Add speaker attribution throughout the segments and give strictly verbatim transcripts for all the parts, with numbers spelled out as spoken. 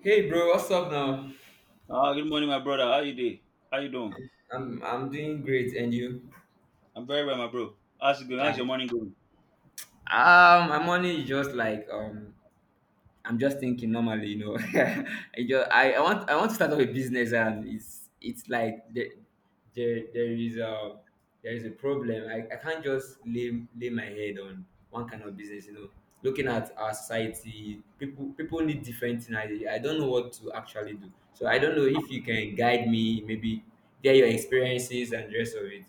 Speaker 1: Hey bro, what's up now?
Speaker 2: Ah, good morning, my brother. How you doing? How you doing?
Speaker 1: I'm I'm, I'm doing great and you?
Speaker 2: I'm very well, my bro. How's it going? How's your
Speaker 1: Yeah.
Speaker 2: morning going?
Speaker 1: Um my money is just like um I'm just thinking normally, you know. I just I, I want I want to start up a business, and it's it's like there there, there is a there is a problem. I, I can't just lay lay my head on one kind of business, you know. Looking at our society, people people need different things. I, I don't know what to actually do. So I don't know if you can guide me, maybe get your experiences and the rest of it.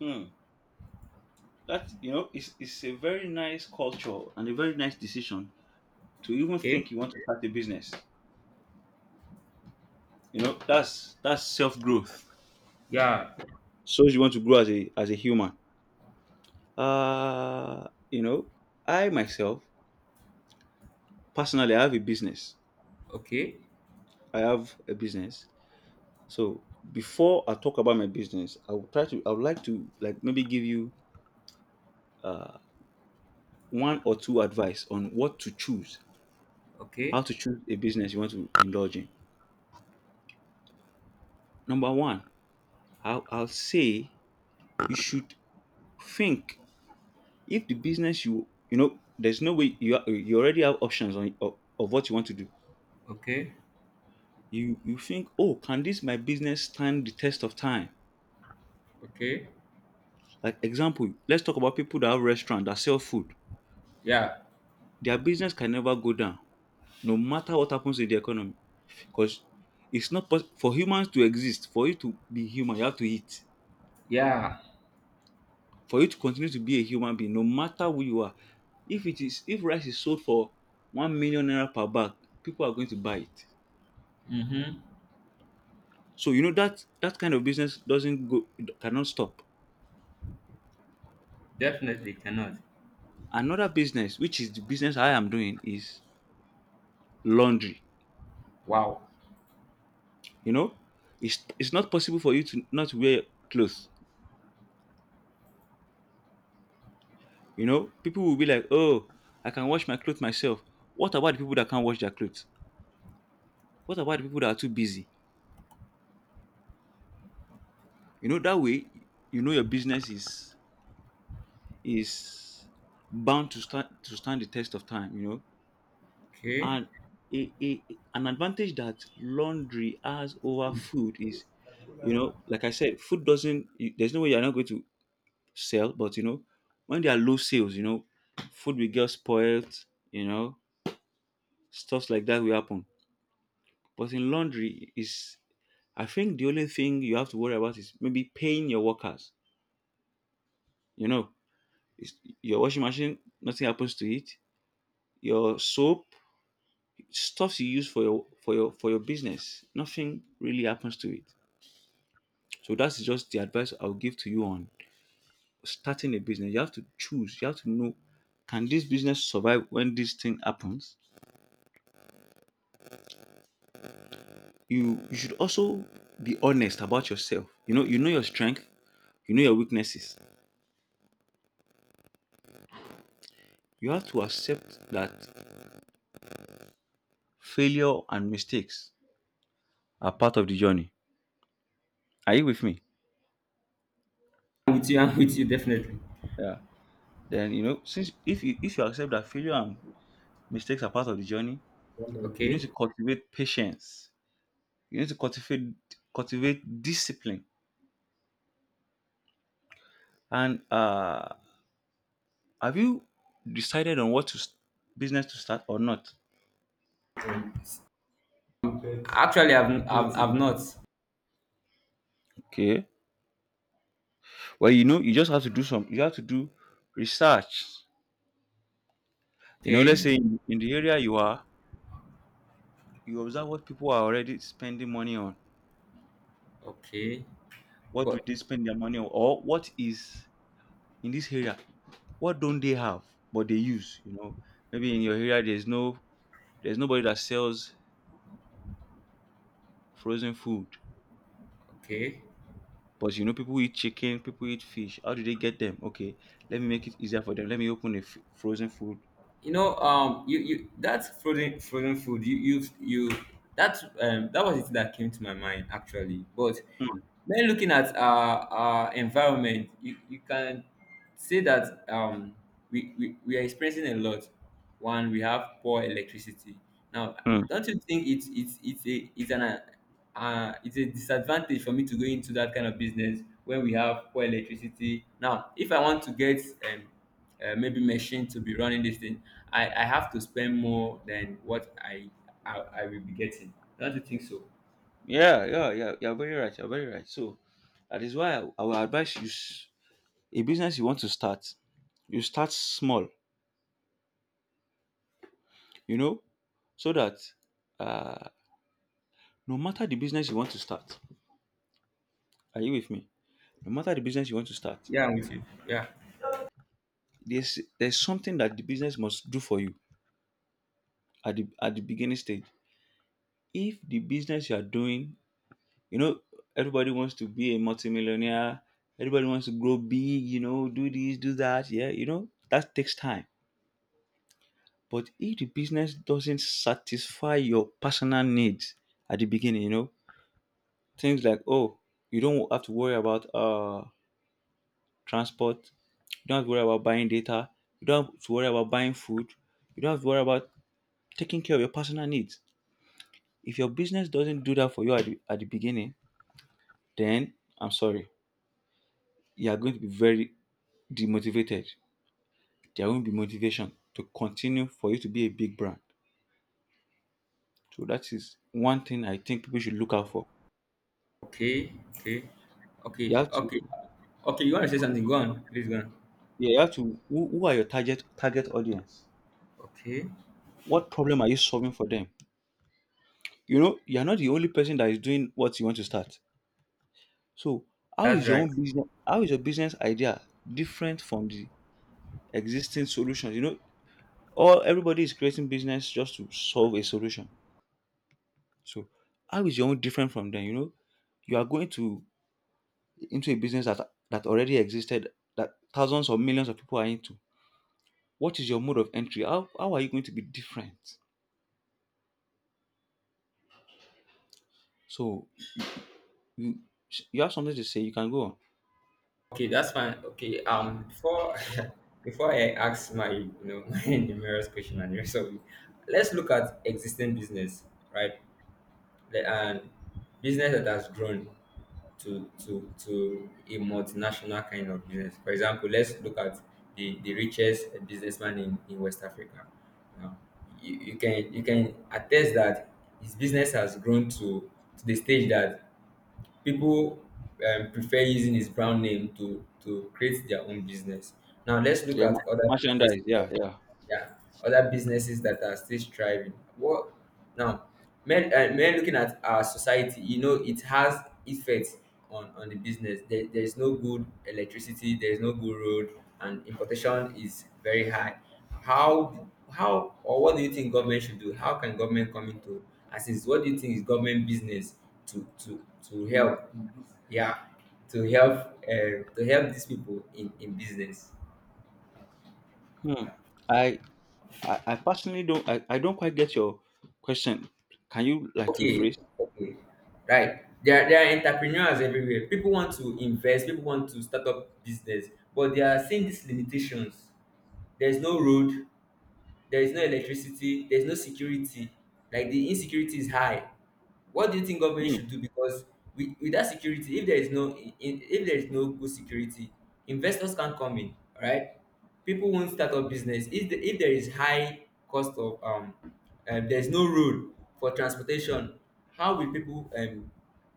Speaker 2: Hmm. That you know, it's it's a very nice culture and a very nice decision to even
Speaker 1: Okay.
Speaker 2: think you want to start a business. You know, that's that's self growth.
Speaker 1: Yeah.
Speaker 2: So you want to grow as a as a human. Uh you know, I myself personally I have a business.
Speaker 1: Okay.
Speaker 2: I have a business. So before I talk about my business, I will try to I would like to like maybe give you one or two advice on what to choose. How
Speaker 1: Okay.
Speaker 2: to choose a business you want to indulge in. Number one, I'll, I'll say you should think if the business you you know there's no way you are- you already have options on of, of what you want to do.
Speaker 1: Okay.
Speaker 2: You you think, oh, can this my business stand the test of time?
Speaker 1: Okay.
Speaker 2: Like example, let's talk about people that have restaurant that sell food.
Speaker 1: Yeah.
Speaker 2: Their business can never go down, no matter what happens in the economy, because it's not pos- for humans to exist. For you to be human, you have to eat
Speaker 1: Yeah.
Speaker 2: for you to continue to be a human being no matter who you are. If it is, if rice is sold for one million naira per bag, people are going to buy it.
Speaker 1: Mm-hmm.
Speaker 2: So you know that that kind of business doesn't go, cannot stop.
Speaker 1: Definitely cannot.
Speaker 2: Another business, which is the business I am doing, is laundry.
Speaker 1: Wow.
Speaker 2: You know, it's it's not possible for you to not wear clothes. You know, people will be like, oh, I can wash my clothes myself. What about the people that can't wash their clothes? What about the people that are too busy? You know, that way, you know, your business is is bound to stand to stand the test of time, you know.
Speaker 1: Okay.
Speaker 2: And a, a, an advantage that laundry has over food is, you know, like I said, food doesn't you- there's no way you're not going to sell. But you know, when there are low sales, you know, food will get spoiled, you know, stuff like that will happen. But in laundry is, I think the only thing you have to worry about is maybe paying your workers, you know. it's, your washing machine, nothing happens to it. Your soap, stuff you use for your for your for your business, nothing really happens to it. So that's just the advice I'll give to you on starting a business. You have to choose, you have to know, can this business survive when this thing happens? you you should also be honest about yourself. You know, you know your strength, you know your weaknesses. You have to accept that failure and mistakes are part of the journey. Are you with me?
Speaker 1: I'm with you. I'm with you. Definitely.
Speaker 2: Yeah, then you know, since if you if you accept that failure and mistakes are part of the journey, you need
Speaker 1: Okay.
Speaker 2: to cultivate patience. You need to cultivate cultivate discipline. And uh, have you decided on what to s- business to start or not?
Speaker 1: Actually, I've I've, I've not.
Speaker 2: Okay. Well, you know, you just have to do some. You have to do research. You know, let's
Speaker 1: Okay.
Speaker 2: say in, in the area you are, you observe what people are already spending money on.
Speaker 1: Okay.
Speaker 2: What do
Speaker 1: But
Speaker 2: they spend their money on, or what is in this area? What don't they have, but they use? You know, maybe in your area there's no, there's nobody that sells frozen food.
Speaker 1: okay.
Speaker 2: But you know, people eat chicken, people eat fish. How do they get them? Okay, let me make it easier for them. Let me open a f- frozen food.
Speaker 1: you know um you you that frozen frozen food, you you you that, um that was it that came to my mind actually, but
Speaker 2: Mm,
Speaker 1: when looking at our our environment, you you can say that, um we we, we are experiencing a lot. One, we have poor electricity now.
Speaker 2: mm.
Speaker 1: Don't you think it's it's it's a it's an uh, uh, it's a disadvantage for me to go into that kind of business when we have poor electricity now? If I want to get, um uh, maybe machine to be running this thing, I, I have to spend more than what I, I I will be getting. Don't you think so?
Speaker 2: Yeah, yeah, yeah. You're very right. You're very right. So that is why I, I will advise you s- a business you want to start, you start small, you know, so that uh, no matter the business you want to start, are you with me? No matter the business you want to start,
Speaker 1: Yeah, I'm with you. Yeah.
Speaker 2: there's there's something that the business must do for you at the at the beginning stage. If the business you are doing, you know, everybody wants to be a multimillionaire. Everybody wants to grow big, you know, do this, do that. Yeah, you know, that takes time. But if the business doesn't satisfy your personal needs at the beginning, you know, things like, oh, you don't have to worry about uh transport, you don't have to worry about buying data, you don't have to worry about buying food, you don't have to worry about taking care of your personal needs. If your business doesn't do that for you at the, at the beginning, then I'm sorry, you are going to be very demotivated. There won't be motivation to continue for you to be a big brand. So that is one thing I think people should look out for.
Speaker 1: Okay. Okay. Okay.
Speaker 2: You have to,
Speaker 1: Okay. Okay. You want to say something? Go on. Please go on.
Speaker 2: yeah, you have to. Who, who are your target target audience?
Speaker 1: Okay.
Speaker 2: What problem are you solving for them? You know, you are not the only person that is doing what you want to start. So, how
Speaker 1: That's
Speaker 2: is your
Speaker 1: right.
Speaker 2: own business? How is your business idea different from the existing solutions? You know, all everybody is creating business just to solve a solution. So, how is your own different from them? You know, you are going to into a business that that already existed, that thousands or millions of people are into. What is your mode of entry? How, how are you going to be different? So you you have something to say, you can go on.
Speaker 1: Okay. That's fine. Okay. Um. Before before I ask my, you know my numerous question and rest of it, let's look at existing business, right? The- And business that has grown to to to a multinational kind of business. For example, let's look at the, the richest businessman in, in West Africa. Now, you, you can you can attest that his business has grown to, to the stage that people, um, prefer using his brand name to, to create their own business. Now let's look
Speaker 2: Yeah,
Speaker 1: at
Speaker 2: ma-
Speaker 1: other businesses.
Speaker 2: merchandise, yeah, yeah.
Speaker 1: Yeah, other businesses that are still striving. What, now, men uh, men looking at our society, you know, it has effects on on the business. There, there's no good electricity, there's no good road, and importation is very high. How how or what do you think government should do? How can government come into assist? What do you think is government business to to to help? Yeah, to help, uh, to help these people in in business.
Speaker 2: Hmm. I, I i personally don't, I, I don't quite get your question. Can you like
Speaker 1: Okay,
Speaker 2: rephrase?
Speaker 1: okay, right. There are, there are entrepreneurs everywhere. People want to invest, people want to start up business, but they are seeing these limitations. There is no road, there is no electricity, there is no security. Like, the insecurity is high. What do you think government
Speaker 2: Hmm.
Speaker 1: should do? Because with, without security, if there is no in, if there is no good security, investors can't come in. All right, people won't start up business. If, the, if there is high cost of, um, um there's no road for transportation, how will people, um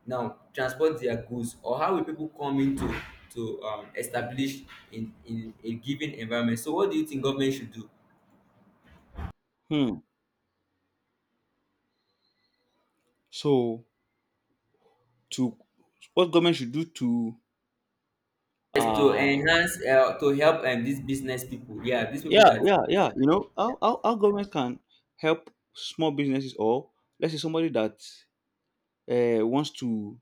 Speaker 1: now transport their goods? Or how will people come in to, to um, establish in in a given environment? So what do you think government should do?
Speaker 2: Hmm. So, to what government should do to
Speaker 1: Yes, to
Speaker 2: uh
Speaker 1: enhance, uh, to help, um, these business people. Yeah, these people
Speaker 2: yeah,
Speaker 1: that.
Speaker 2: yeah, yeah, you know, how, how, how government can help small businesses, or let's say somebody that uh, wants to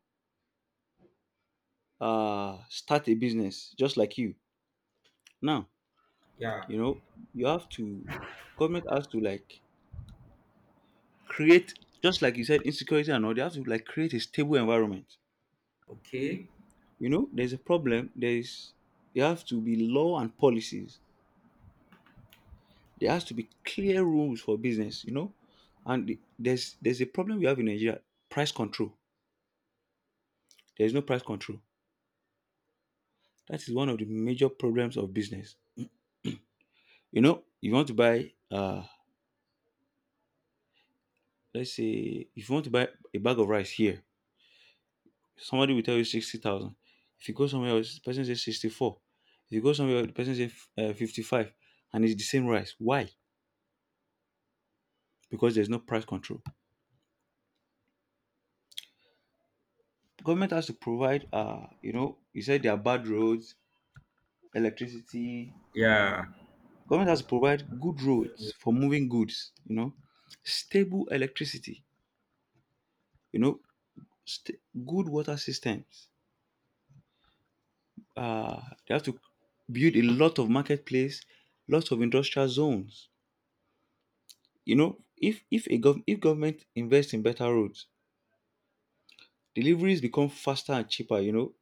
Speaker 2: uh, start a business just like you. Now,
Speaker 1: Yeah.
Speaker 2: you know, you have to, government has to like create, just like you said, insecurity and all, they have to like create a stable environment.
Speaker 1: Okay.
Speaker 2: You know, there's a problem, there's, there have to be law and policies. There has to be clear rules for business, you know. And the- there's there's a problem we have in Nigeria, price control. There is no price control. That is one of the major problems of business. You know, you want to buy uh let's say if you want to buy a bag of rice here, somebody will tell you sixty thousand. If you go somewhere else, the person says sixty four. If you go somewhere else, the person says uh, fifty five, and it's the same rice. Why? Because there's no price control. Government has to provide. Uh, you know, you said there are bad roads, electricity.
Speaker 1: Yeah.
Speaker 2: Government has to provide good roads for moving goods. You know, stable electricity. You know, st- good water systems. Uh, they have to build a lot of marketplace, lots of industrial zones. You know, if if a gov- if government invests in better roads, deliveries become faster and cheaper. You know,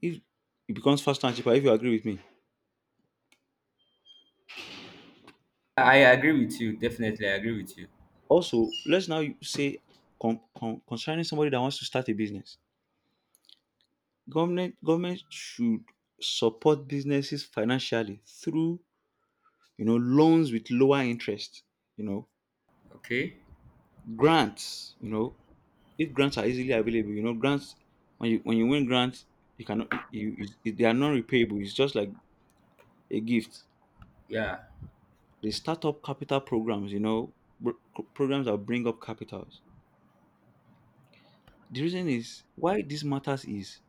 Speaker 2: if it becomes faster and cheaper, if you agree with me.
Speaker 1: I agree with you. Definitely, I agree with you.
Speaker 2: Also, let's now say con- con- concerning somebody that wants to start a business, government government should support businesses financially through, you know, loans with lower interest. You know,
Speaker 1: Okay.
Speaker 2: grants. You know, if grants are easily available, you know, grants, when you when you win grants, you cannot you, you you- they are non-repayable, it's just like a gift.
Speaker 1: Yeah.
Speaker 2: The startup capital programs, you know, br- programs that bring up capitals. The reason is why this matters is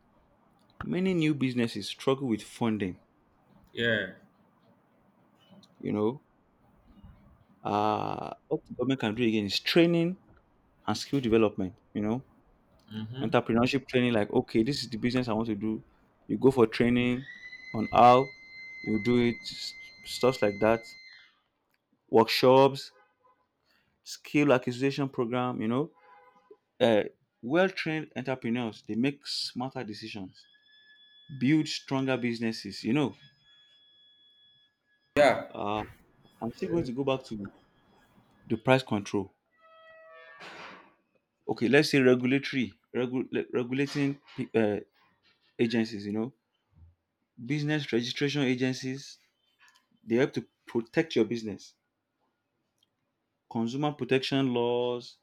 Speaker 2: many new businesses struggle with funding,
Speaker 1: Yeah.
Speaker 2: you know. Uh, what the government can do again is training and skill development, you know,
Speaker 1: Mm-hmm.
Speaker 2: entrepreneurship training. Like, okay, this is the business I want to do, you go for training on how you do it s- stuff like that. Workshops, skill acquisition program, you know. Uh, well-trained entrepreneurs, they make smarter decisions, build stronger businesses, you know.
Speaker 1: Yeah.
Speaker 2: Uh, I'm still going to go back to the price control. Okay, let's say regulatory, regu- le- regulating uh, agencies, you know, business registration agencies, they help to protect your business. Consumer protection laws,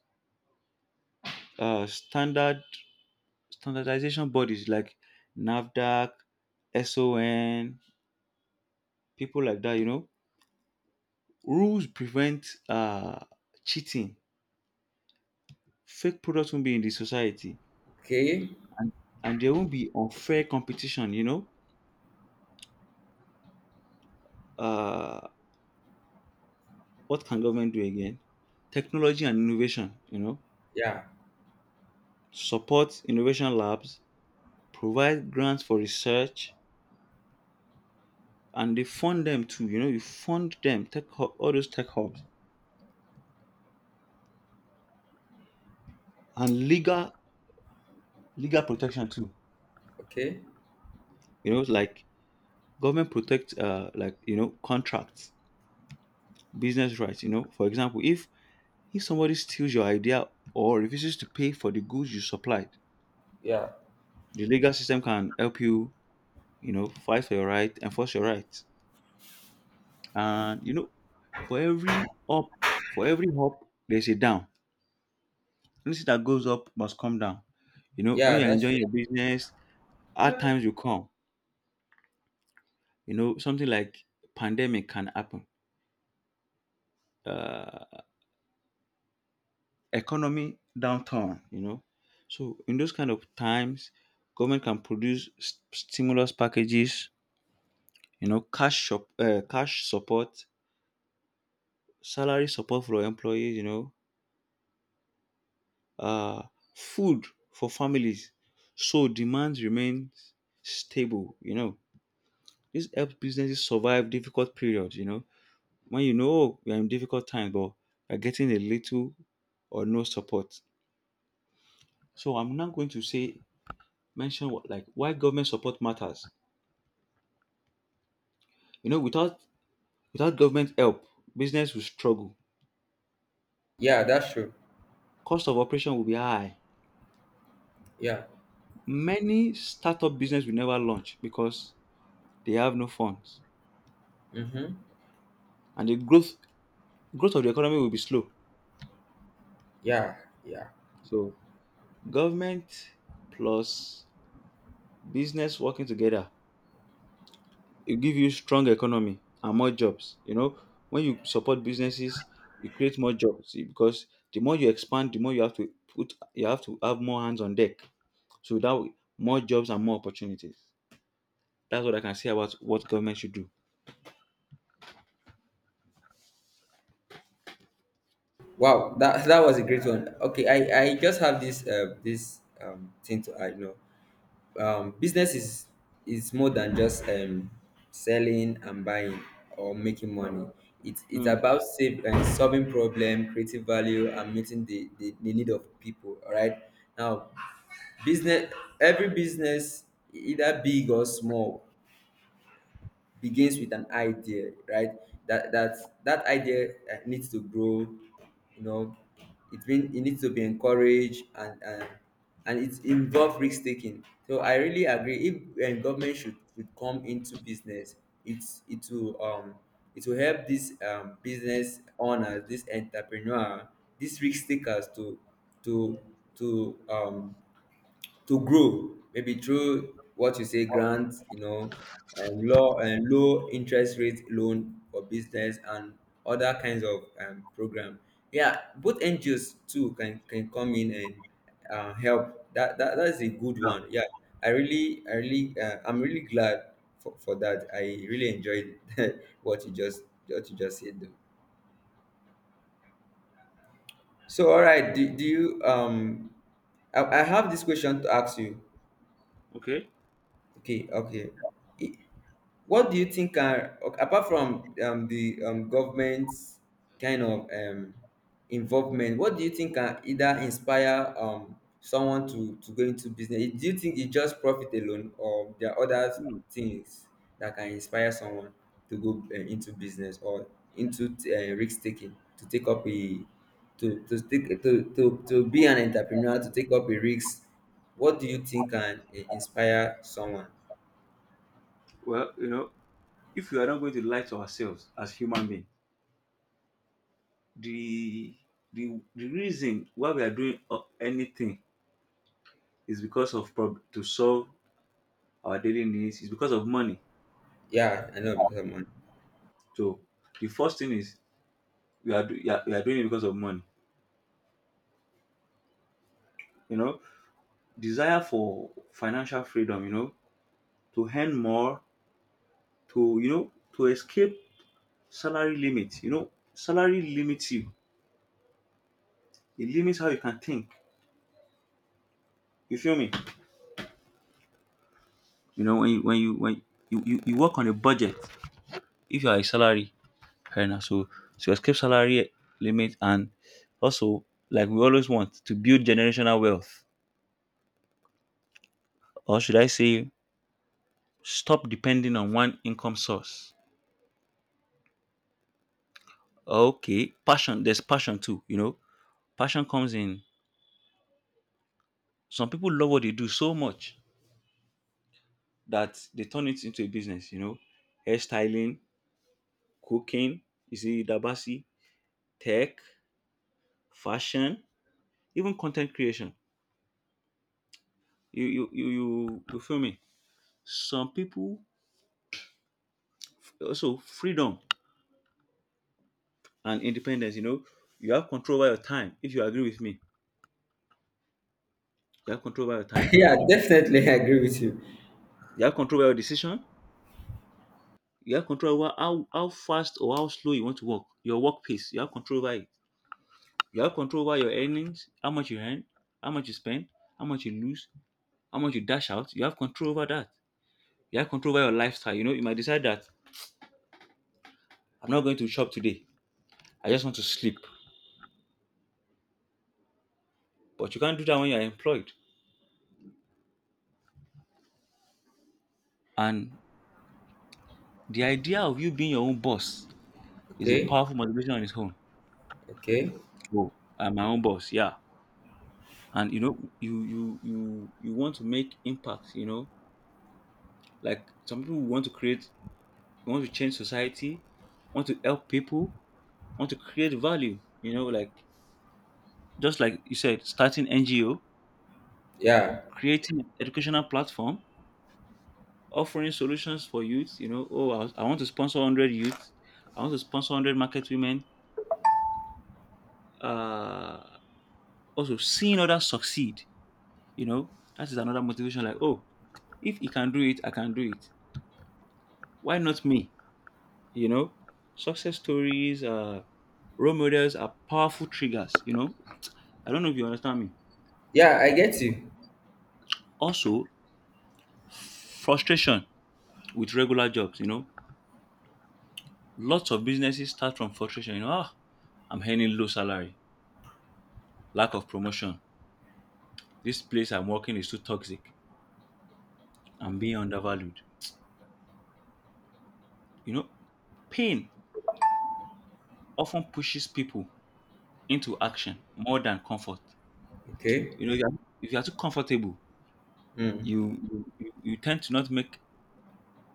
Speaker 2: uh, standard standardization bodies like NAVDAC, son, people like that, you know. Rules prevent uh, cheating. Fake products won't be in the society,
Speaker 1: Okay.
Speaker 2: and there won't be unfair competition. You know, uh, what can government do again? Technology and innovation. You know,
Speaker 1: Yeah.
Speaker 2: support innovation labs, provide grants for research, and they fund them too. You know, you fund them tech hub, all those tech hubs, and legal legal protection too.
Speaker 1: Okay.
Speaker 2: You know, like government protect uh, like you know contracts business rights you know. For example, if If somebody steals your idea or refuses to pay for the goods you supplied,
Speaker 1: Yeah.
Speaker 2: the legal system can help you, you know, fight for your right, enforce your rights. And you know, for every up, for every up, there's a down. Anything that goes up must come down. You know, when
Speaker 1: Yeah.
Speaker 2: you're
Speaker 1: That's
Speaker 2: enjoying
Speaker 1: true.
Speaker 2: your business, hard times will come. You know, something like pandemic can happen. Uh, economy downturn. You know, so in those kind of times, government can produce s- stimulus packages, you know, cash shop, uh, cash support, salary support for employees, you know, uh, food for families, so demand remains stable, you know. This helps businesses survive difficult periods, you know. When you know, oh, you're in difficult times but you're getting a little or no support. So I'm now going to say mention what, like, why government support matters, you know. Without without government help, business will struggle,
Speaker 1: Yeah. That's true.
Speaker 2: cost of operation will be high.
Speaker 1: Yeah.
Speaker 2: Many startup business will never launch because they have no funds,
Speaker 1: Mm-hmm.
Speaker 2: and the growth growth of the economy will be slow.
Speaker 1: Yeah. Yeah.
Speaker 2: So government plus business working together, it give you strong economy and more jobs. You know, when you support businesses, you create more jobs. See, because the more you expand, the more you have to put you have to have more hands on deck. So that way, more jobs and more opportunities. That's what I can say about what government should do.
Speaker 1: Wow. That that was a great one. Okay. I I just have this uh this um thing to add. You know. Um, business is is more than just, um, selling and buying, or making money. It's it's
Speaker 2: Hmm.
Speaker 1: about, save, um, solving problem, creating value, and meeting the, the, the need of people. All right. Now, business every business, either big or small, begins with an idea, right? that that that idea, uh, needs to grow, you know. It mean it needs to be encouraged, and and and it involve risk taking, so I really agree if, um, government should should come into business. It's it will um it will help this, um business owners, this entrepreneur, these risk takers, to to to um to grow, maybe through what you say, grants, you know, um, low and low interest rate loan for business and other kinds of, um, program. Yeah, both N G Os too can can come in and, uh, help. That, that that is a good one. Yeah, I really, I really, uh, I'm really glad for, for that. I really enjoyed what you just what you just said. Though. So, all right, do, do you um, I, I have this question to ask you.
Speaker 2: Okay.
Speaker 1: Okay, okay. What do you think are, o- apart from, um, the, um, government's kind of, um, involvement? What do you think can either inspire, um, someone to to go into business? Do you think it's just profit alone, or there are other
Speaker 2: Hmm.
Speaker 1: things that can inspire someone to go, uh, into business, or into, uh, risk taking, to take up a to to take to, to to be an entrepreneur, to take up a risk? What do you think can, uh, inspire someone?
Speaker 2: Well, you know, if we are not going to lie to ourselves as human being, the the, the reason why we are doing uh, anything is because of prob- to solve our daily needs, is because of money.
Speaker 1: Yeah, I know because I'm on.
Speaker 2: So the first thing is, we are, do- we are we are doing it because of money, you know. Desire for financial freedom, you know, to earn more, to you know to escape salary limit, you know, salary limits you, it limits how you can think. You feel me? You know, when you when you when you, you, you work on a budget, if you are a salary. Fair enough. So to escape salary limit, and also, like, we always want to build generational wealth, or should I say, stop depending on one income source. Okay, passion. There's passion too. You know, passion comes in. Some people love what they do so much that they turn it into a business. You know, hairstyling, cooking. You see, dabasi, tech, fashion, even content creation. You you you you, you feel me? Some people also freedom and independence. You know, you have control over your time. If you agree with me, you have control over your time.
Speaker 1: Yeah, definitely, I agree with you.
Speaker 2: You have control over your decision. You have control over how, how fast or how slow you want to work. Your work pace. You have control over it. You have control over your earnings, how much you earn, how much you spend, how much you lose, how much you dash out. You have control over that. You have control over your lifestyle. You know, you might decide that I'm not going to shop today. I just want to sleep. But you can't do that when you're employed. And the idea of you being your own boss is a
Speaker 1: Okay,
Speaker 2: powerful motivation on its own.
Speaker 1: okay,
Speaker 2: Oh, I'm my own boss, yeah. And you know, you you you you want to make impact. You know, like some people want to create, want to change society, want to help people, want to create value. You know, like just like you said, starting N G O,
Speaker 1: yeah,
Speaker 2: creating an educational platform, offering solutions for youth. You know, oh, I, I want to sponsor one hundred youth. I want to sponsor one hundred market women. Uh, also seeing others succeed. You know, that is another motivation. Like, oh, if he can do it, I can do it. Why not me? You know, success stories, uh, role models are powerful triggers. You know, I don't know if you understand me.
Speaker 1: yeah, I get you.
Speaker 2: Also, frustration with regular jobs. You know, lots of businesses start from frustration. You know, ah, I'm earning low salary, lack of promotion. This place I'm working is too toxic. I'm being undervalued. You know, pain often pushes people into action more than comfort.
Speaker 1: Okay.
Speaker 2: You know, if you are if you are too comfortable,
Speaker 1: Mm.
Speaker 2: you, you you you tend to not make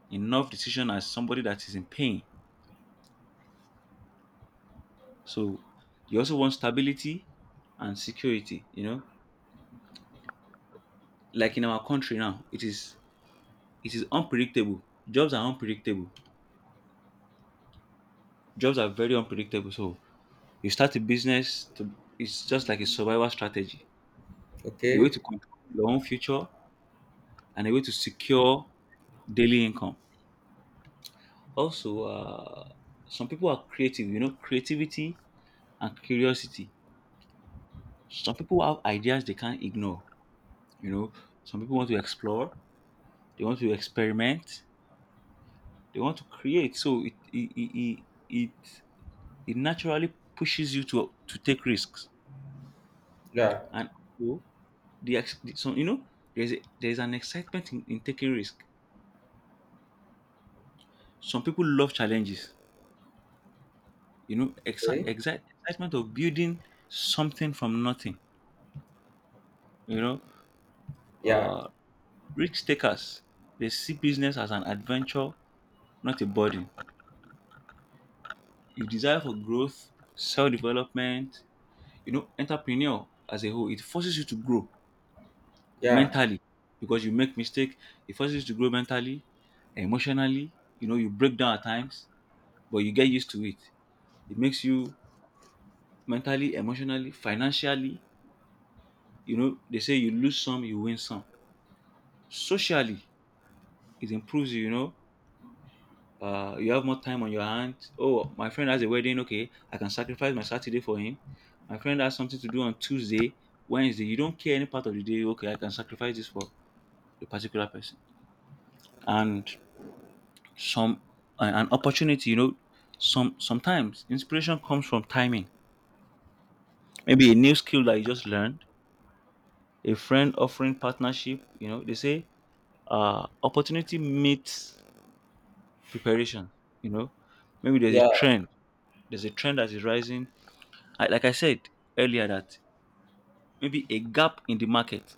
Speaker 2: enough decision as somebody that is in pain. So you also want stability and security, you know? Like in our country now, it is it is unpredictable. Jobs are unpredictable. Jobs are very unpredictable. So you start a business to, it's just like a survival strategy. A way
Speaker 1: Okay,
Speaker 2: to control your own future, and a way to secure daily income. Also, uh, some people are creative, you know, creativity and curiosity. Some people have ideas they can't ignore, you know. Some people want to explore, they want to experiment, they want to create. So it it it, it, it it naturally pushes you to to take risks.
Speaker 1: yeah.
Speaker 2: And also the ex- so you know, there's a, there's an excitement in, in taking risk. Some people love challenges, you know, exci-
Speaker 1: Okay,
Speaker 2: exci- excitement of building something from nothing, you know.
Speaker 1: yeah,
Speaker 2: uh Risk takers, they see business as an adventure, not a burden. You desire for growth, self-development, you know. Entrepreneur as a whole, it forces you to grow
Speaker 1: yeah,
Speaker 2: mentally, because you make mistake, it forces you to grow mentally, emotionally, you know, you break down at times but you get used to it. It makes you mentally, emotionally, financially, you know, they say you lose some you win some, socially, it improves you, you know. uh, you have more time on your hand. Oh, my friend has a wedding, okay, I can sacrifice my Saturday for him. My friend has something to do on Tuesday, Wednesday, you don't care any part of the day, okay, I can sacrifice this for the particular person. And some, uh, an opportunity, you know. Some sometimes inspiration comes from timing, maybe a new skill that you just learned, a friend offering partnership. You know, they say uh opportunity meets preparation, you know. Maybe there's a
Speaker 1: yeah,
Speaker 2: trend, there's a trend that is rising. I, like I said earlier, that maybe a gap in the market,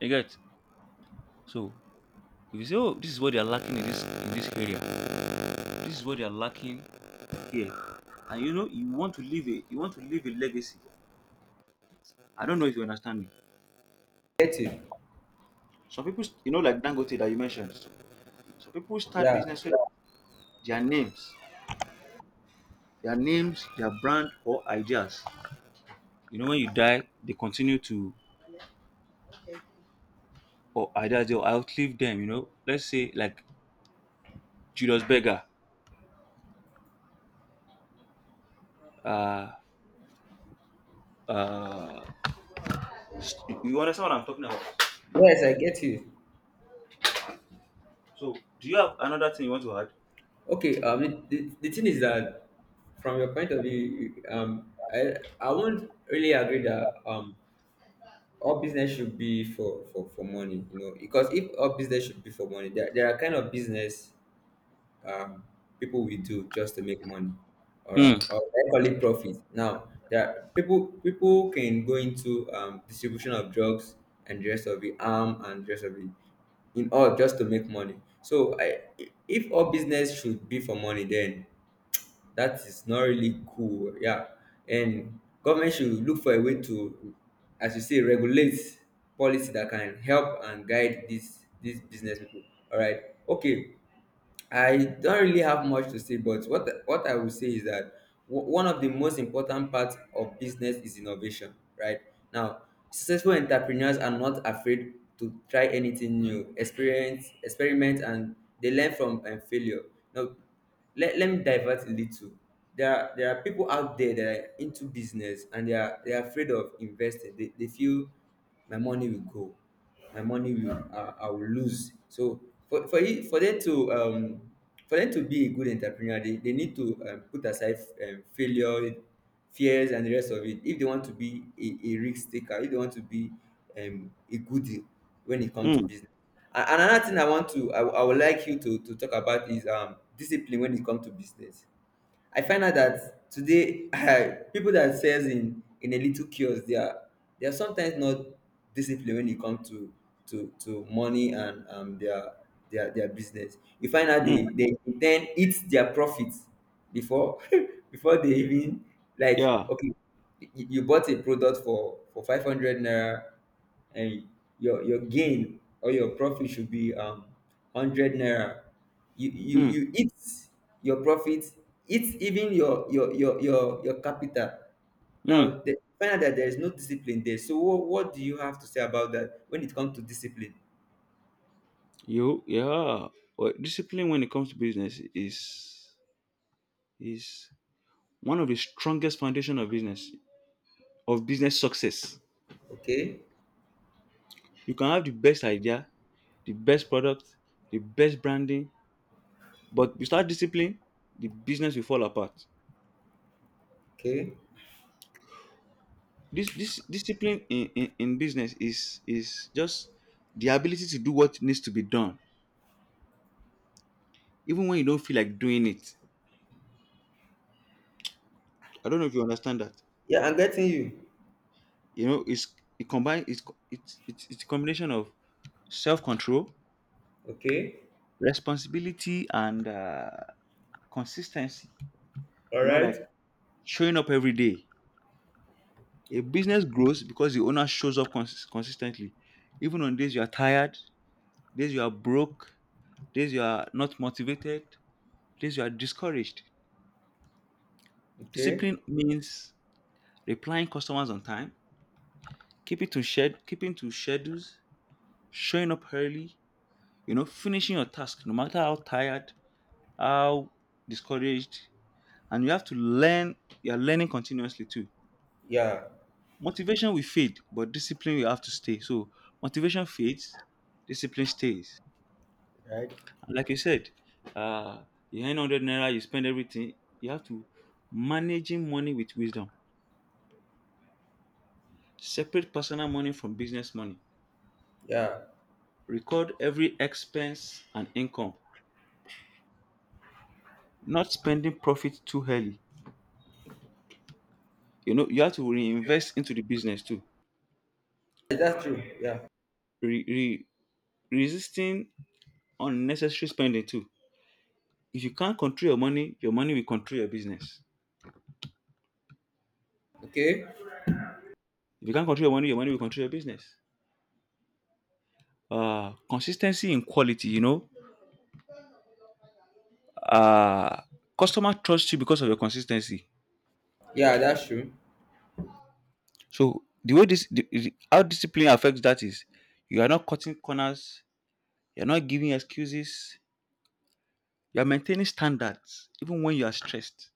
Speaker 2: you get. So if you say, oh, this is what they are lacking in this in this area, this is what they are lacking here. And you know, you want to leave a you want to leave a legacy. I don't know if you understand me.
Speaker 1: I get you.
Speaker 2: Some people, st- you know, like Dangote that you mentioned, some people start
Speaker 1: Yeah,
Speaker 2: business with their names, their names, their brand or ideas. You know, when you die, they continue to or ideas they'll outlive them. You know, let's say like Julius Berger. Uh, uh, st- you understand what I'm talking about?
Speaker 1: yes, I get you.
Speaker 2: So, do you have another thing you want to add?
Speaker 1: Okay, um, it, the, the thing is that from your point of view, you- um, I I won't really agree that, um all business should be for for for money, you know, because if all business should be for money, there there are kind of business, um, people will do just to make money. All right,
Speaker 2: Hmm.
Speaker 1: or I call it profit. Now there are people people can go into, um, distribution of drugs and the rest of it, arm and the rest of it, in all just to make money. So, I, if all business should be for money, then that is not really cool. Yeah, and government should look for a way to, as you say, regulate policy that can help and guide these these business people. All right, okay. I don't really have much to say, but what what I will say is that, w- one of the most important parts of business is innovation, right? Now, successful entrepreneurs are not afraid to try anything new, experience, experiment, and they learn from, um, failure. Now, let, let me divert a little. There are there are people out there that are into business, and they are they are afraid of investing. They, they feel my money will go, my money will, I, I will lose. So, for for it, for them to um for them to be a good entrepreneur, they, they need to, um, put aside, um, failure, fears, and the rest of it. If they want to be a, a risk taker, if they want to be, um, a goodie when it comes to
Speaker 2: Hmm.
Speaker 1: business. And another thing I want to I, wou- I would like you to, to talk about is, um discipline when it comes to business. I find out that today I, people that sells in in a little kiosk, they are they are sometimes not disciplined when it comes to to to money and, um their their their business. You find out they
Speaker 2: Hmm.
Speaker 1: they then eat their profits before before they even, like,
Speaker 2: Yeah.
Speaker 1: okay, you, you bought a product for for five hundred naira, and your your gain or your profit should be, um hundred naira. You you
Speaker 2: Hmm.
Speaker 1: you eat your profit, eat even your your your your your capital.
Speaker 2: Hmm.
Speaker 1: Now the find out that there is no discipline there. So what, what do you have to say about that when it comes to discipline?
Speaker 2: You yeah. Well, discipline when it comes to business is is one of the strongest foundation of business, of business success.
Speaker 1: Okay,
Speaker 2: You can have the best idea, the best product, the best branding, but without discipline the business will fall apart.
Speaker 1: okay,
Speaker 2: this this discipline in, in in business is is just the ability to do what needs to be done even when you don't feel like doing it. I don't know if you understand that.
Speaker 1: yeah, I'm getting you.
Speaker 2: You know, it's it combine it's co- it's it's, it's a combination of self-control,
Speaker 1: Okay,
Speaker 2: responsibility, and uh consistency.
Speaker 1: all
Speaker 2: You know,
Speaker 1: right,
Speaker 2: like showing up every day. A business grows because the owner shows up cons- consistently, even on days you are tired, days you are broke, days you are not motivated, days you are discouraged.
Speaker 1: okay,
Speaker 2: Discipline means replying customers on time, keeping to shed, keeping to schedules, showing up early, you know, finishing your task no matter how tired, how discouraged, and you have to learn. You are learning continuously too.
Speaker 1: yeah,
Speaker 2: Motivation will fade, but discipline will have to stay. So motivation fades, discipline stays.
Speaker 1: right,
Speaker 2: And like you said, uh, you earn hundred naira, you spend everything. You have to managing money with wisdom. Separate personal money from business money.
Speaker 1: yeah,
Speaker 2: Record every expense and income. Not spending profit too early. You know you have to reinvest into the business too.
Speaker 1: that's true. Yeah,
Speaker 2: Re- re- resisting unnecessary spending too. If you can't control your money, your money will control your business.
Speaker 1: okay,
Speaker 2: If you can't control your money, your money will control your business. Uh, consistency in quality, you know. Uh, customer trusts you because of your consistency.
Speaker 1: yeah, that's true.
Speaker 2: So the way this, the, the- how discipline affects that is, you are not cutting corners, you are not giving excuses, you are maintaining standards even when you are stressed.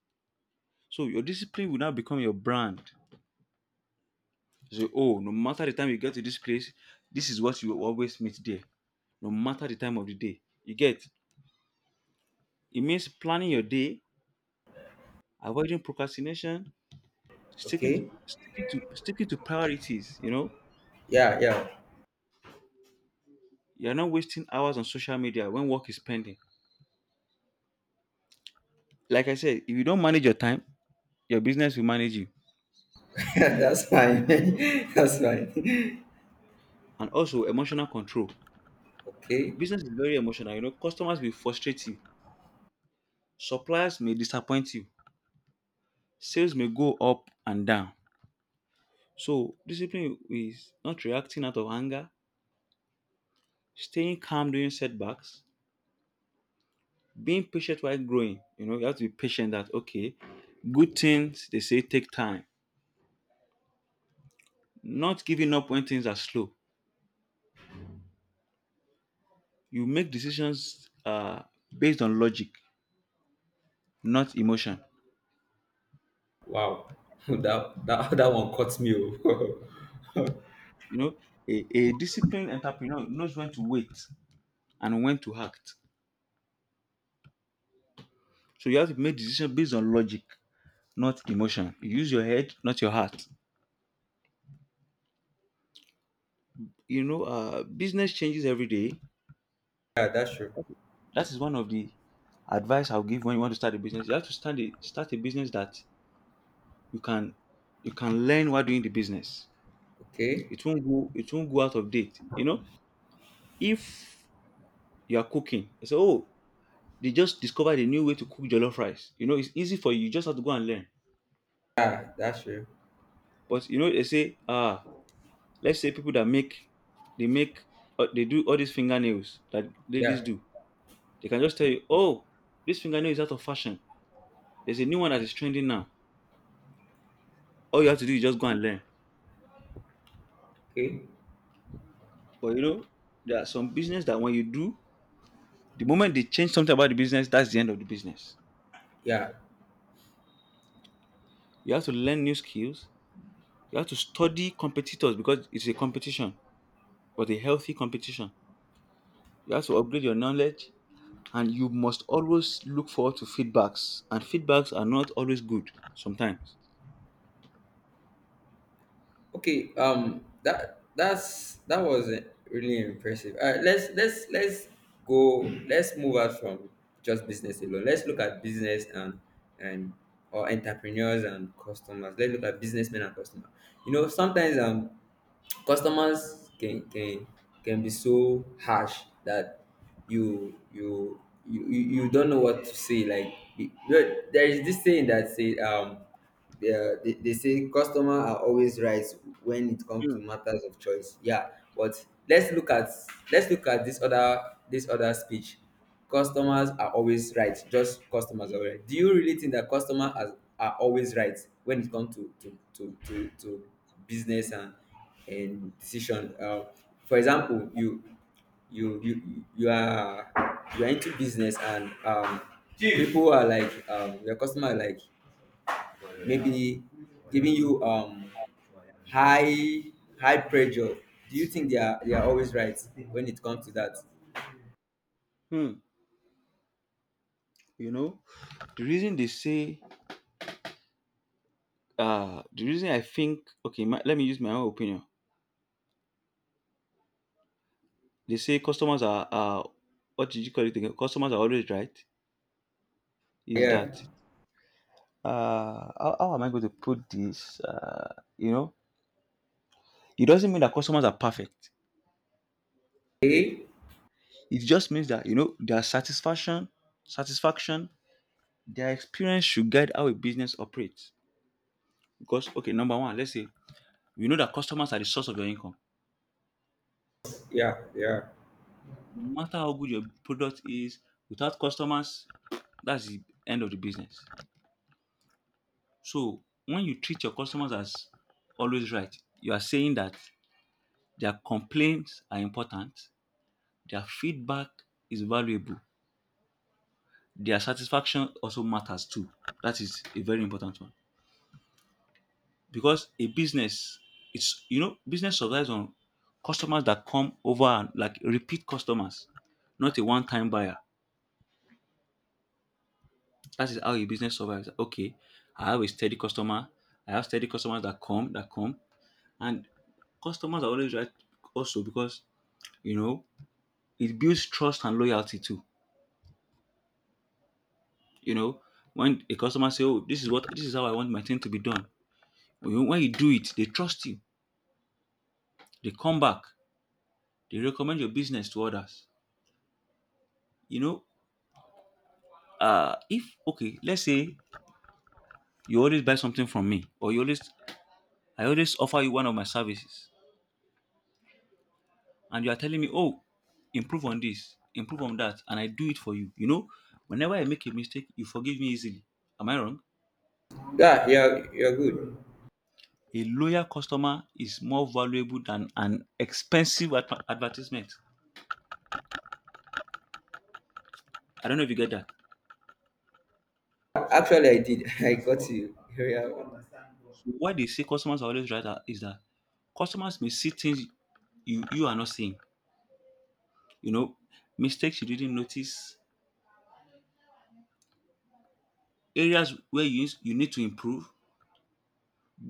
Speaker 2: So your discipline will now become your brand. So oh, no matter the time you get to this place, this is what you will always meet there. No matter the time of the day, you get. It means planning your day, avoiding procrastination, sticking to,
Speaker 1: Okay,
Speaker 2: sticking to sticking to priorities. You know,
Speaker 1: yeah, yeah.
Speaker 2: you're not wasting hours on social media when work is pending. Like I said, if you don't manage your time, your business will manage you.
Speaker 1: That's fine. That's fine.
Speaker 2: And also emotional control.
Speaker 1: Okay.
Speaker 2: Business is very emotional. You know, customers will frustrate you, suppliers may disappoint you, sales may go up and down. So discipline is not reacting out of anger, staying calm during setbacks, being patient while growing. You know, you have to be patient that okay, good things, they say, take time. Not giving up when things are slow. You make decisions uh, based on logic, not emotion.
Speaker 1: Wow. That that that one caught me. Oh.
Speaker 2: You know, a, a disciplined entrepreneur knows when to wait and when to act. So you have to make decisions based on logic, not emotion. You use your head, not your heart. You know, uh, business changes every day.
Speaker 1: Yeah, that's true.
Speaker 2: That is one of the advice I'll give when you want to start a business. You have to start a, start a business that you can you can learn while doing the business.
Speaker 1: Okay.
Speaker 2: It won't go it won't go out of date. You know, if you are cooking, I say, oh, they just discovered a new way to cook jollof rice. You know, it's easy for you. You just have to go and learn.
Speaker 1: Yeah, that's true.
Speaker 2: But you know, they say, ah, let's say people that make, they make, uh, they do all these fingernails that ladies
Speaker 1: Yeah.
Speaker 2: do. They can just tell you, oh, this fingernail is out of fashion. There's a new one that is trending now. All you have to do is just go and learn.
Speaker 1: Okay.
Speaker 2: But you know, there are some business that when you do, the moment they change something about the business, that's the end of the business.
Speaker 1: Yeah.
Speaker 2: You have to learn new skills. You have to study competitors because it's a competition, but a healthy competition. You have to upgrade your knowledge and you must always look forward to feedbacks. And feedbacks are not always good sometimes.
Speaker 1: Okay. Um. That that's that was uh, really impressive. All right. Let's let's let's go. Let's move out from just business alone. Let's look at business and and or entrepreneurs and customers. Let's look at businessmen and customers. You know, sometimes, um customers can can can be so harsh that you you you you you don't know what to say, like, you- there there is this saying that say, um yeah, they, they say customer are always right when it comes to
Speaker 2: Mm,
Speaker 1: matters of choice. Yeah, but let's look at let's look at this other this other speech. Customers are always right. Just customers are right. Do you really think that customers are, are always right when it comes to to to to, to business and and decision? Uh, for example, you you you you are you are into business and um Chief, people are like um your customer are like maybe giving you um high high pressure. Do you think they are they are always right when it comes to that?
Speaker 2: mm. You know, the reason they say, uh, the reason, I think, okay, my, let me use my own opinion. They say customers are, uh, what did you call it again? Customers are always right. Is
Speaker 1: Yeah.
Speaker 2: that, uh, how, how am I going to put this? Uh, you know, it doesn't mean that customers are perfect.
Speaker 1: Eh?
Speaker 2: It just means that, you know, their satisfaction, satisfaction, their experience should guide how a business operates. Because, okay, number one, let's say we know that customers are the source of your income.
Speaker 1: Yeah, yeah,
Speaker 2: No matter how good your product is, without customers, that's the end of the business. So when you treat your customers as always right, you are saying that their complaints are important, their feedback is valuable, their satisfaction also matters too. That is a very important one. Because a business, it's, you know, business survives on customers that come over and like repeat customers, not a one-time buyer. That is how a business survives. Okay, i have a steady customer I have steady customers that come that come, and customers are always right also because, you know, it builds trust and loyalty too. You know, when a customer say, oh, this is what this is how I want my thing to be done, when you when you do it, they trust you, they come back, they recommend your business to others. You know, uh if okay, let's say you always buy something from me, or you always, I always offer you one of my services, and you are telling me, oh, improve on this, improve on that, and I do it for you, you know, whenever I make a mistake, you forgive me easily. Am I wrong?
Speaker 1: yeah, yeah, you're good.
Speaker 2: A loyal customer is more valuable than an expensive adver- advertisement. I don't know if you get that.
Speaker 1: Actually, I did. I got you. Yeah.
Speaker 2: So why they say customers are always right are- is that customers may see things you you are not seeing, you know, mistakes you didn't notice, areas where you, you need to improve,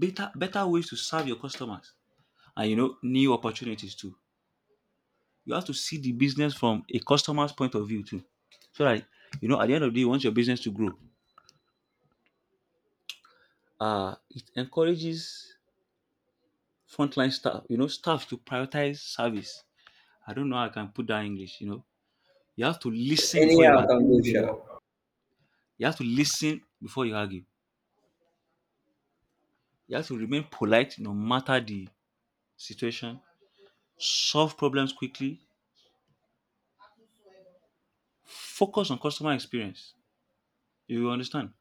Speaker 2: better better ways to serve your customers, and you know, new opportunities too. You have to see the business from a customer's point of view too, so that, you know, at the end of the day, you want your business to grow. Uh, it encourages frontline staff, you know, staff to prioritize service. I don't know how I can put that in English. You know, you have to listen before
Speaker 1: Anyhow
Speaker 2: you
Speaker 1: I
Speaker 2: argue.
Speaker 1: can go sha.
Speaker 2: You have to listen before you argue. You have to remain polite no matter the situation. Solve problems quickly. Focus on customer experience. You understand?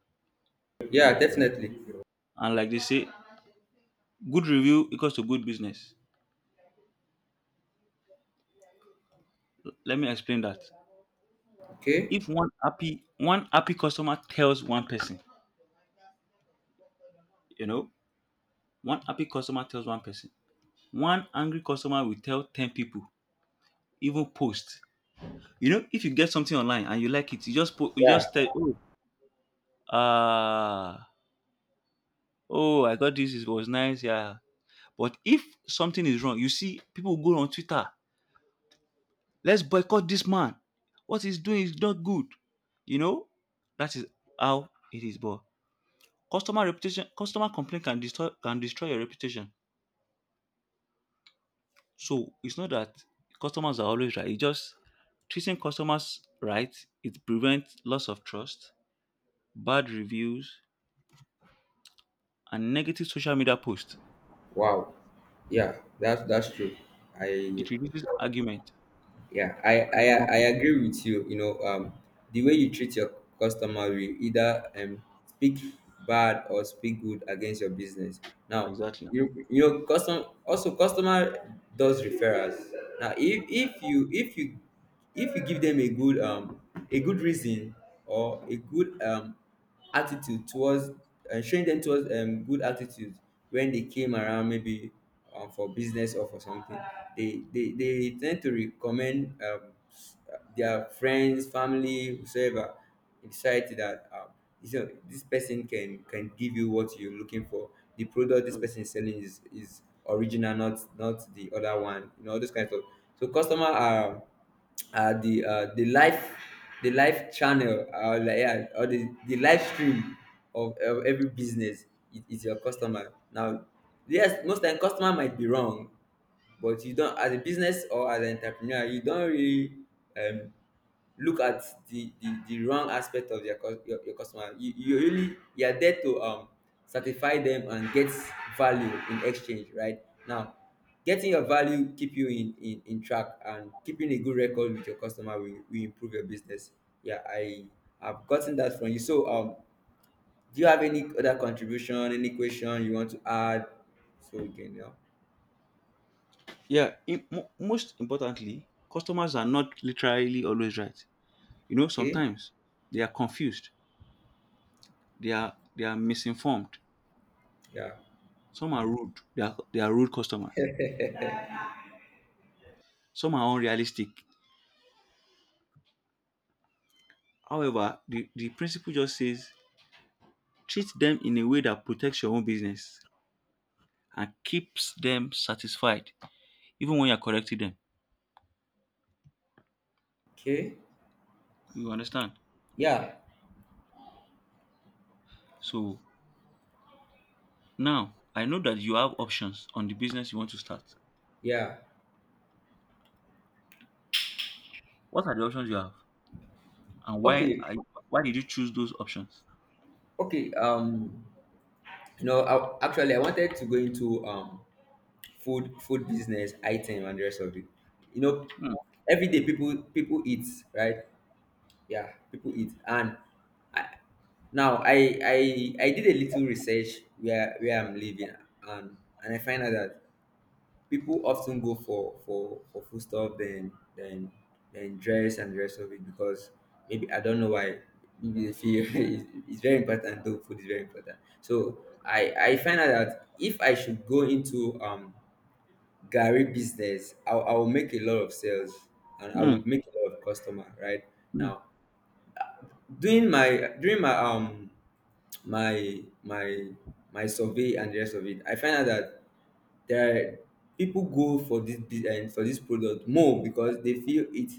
Speaker 1: Yeah, definitely.
Speaker 2: And like they say, good review equals to good business. Let me explain that.
Speaker 1: Okay.
Speaker 2: If one happy one happy customer tells one person, you know, one happy customer tells one person, one angry customer will tell ten people, even post. You know, if you get something online and you like it, you just po- you
Speaker 1: Yeah.
Speaker 2: just tell, oh, ah, oh, I got this. It was nice, yeah. But if something is wrong, you see people go on Twitter. Let's boycott this man. What he's doing is not good. You know, that is how it is. But customer reputation, customer complaint can destroy can destroy your reputation. So it's not that customers are always right. It's just treating customers right. It prevents loss of trust, bad reviews, and negative social media posts.
Speaker 1: Wow. Yeah, that's that's true. I—
Speaker 2: It reduces argument
Speaker 1: Yeah, I, I
Speaker 2: and
Speaker 1: I
Speaker 2: conflict.
Speaker 1: agree with you. You know, um, the way you treat your customer will either um speak bad or speak good against your business. Now,
Speaker 2: Exactly.
Speaker 1: you you know, custom also customer does referrals. Now, if if you if you if you give them a good um a good reason or a good um attitude towards, uh, showing them towards, um, good attitude when they came around, maybe, um, for business or for something, they they, they tend to recommend, um, their friends, family, whosoever in society, that, um, you know, this person can can give you what you're looking for. The product this person is selling is is original, not not the other one, you know, all those kinds of— so customer are, uh, the uh, the live the live channel, uh, like, yeah, or the, the live stream of, of every business is, is your customer. Now, yes, most time customer might be wrong, but you don't— as a business or as an entrepreneur, you don't really, um, look at the, the the wrong aspect of their cus- your, your customer. You, you really you are there to, um satisfy them and get value in exchange, right? Now, getting your value keep you in in, in track, and keeping a good record with your customer will, will improve your business. Yeah, I have gotten that from you. So, um do you have any other contribution, any question you want to add, so we can? Yeah.
Speaker 2: Yeah. Im- mo- most importantly, customers are not literally always right. You know,
Speaker 1: Okay.
Speaker 2: sometimes they are confused, they are they are misinformed,
Speaker 1: Yeah.
Speaker 2: some are rude, they are, they are rude customers, some are unrealistic. However, the, the principle just says treat them in a way that protects your own business and keeps them satisfied even when you're correcting them.
Speaker 1: Okay.
Speaker 2: You understand?
Speaker 1: Yeah,
Speaker 2: So now I know that you have options on the business you want to start.
Speaker 1: yeah.
Speaker 2: What are the options you have and why
Speaker 1: Okay,
Speaker 2: are you, why did you choose those options?
Speaker 1: okay. Um, you know, I, actually, I wanted to go into, um food, food business, item, and the rest of it. You know,
Speaker 2: Hmm.
Speaker 1: every day, people people eat, right? Yeah, people eat. And I, now I I I did a little research where where I'm living, and and I find out that people often go for for for food stuff, then then then dress and the rest of it. Because maybe I don't know why, maybe they feel, it's, it's very important, though food is very important. So I I find out that if I should go into, um Gary business, I I will make a lot of sales and I
Speaker 2: Hmm.
Speaker 1: would make a lot of customer, right?
Speaker 2: Hmm.
Speaker 1: Now, during my, during my um my my my survey and the rest of it, I find out that there are— people go for this bu- um, for this product more because they feel it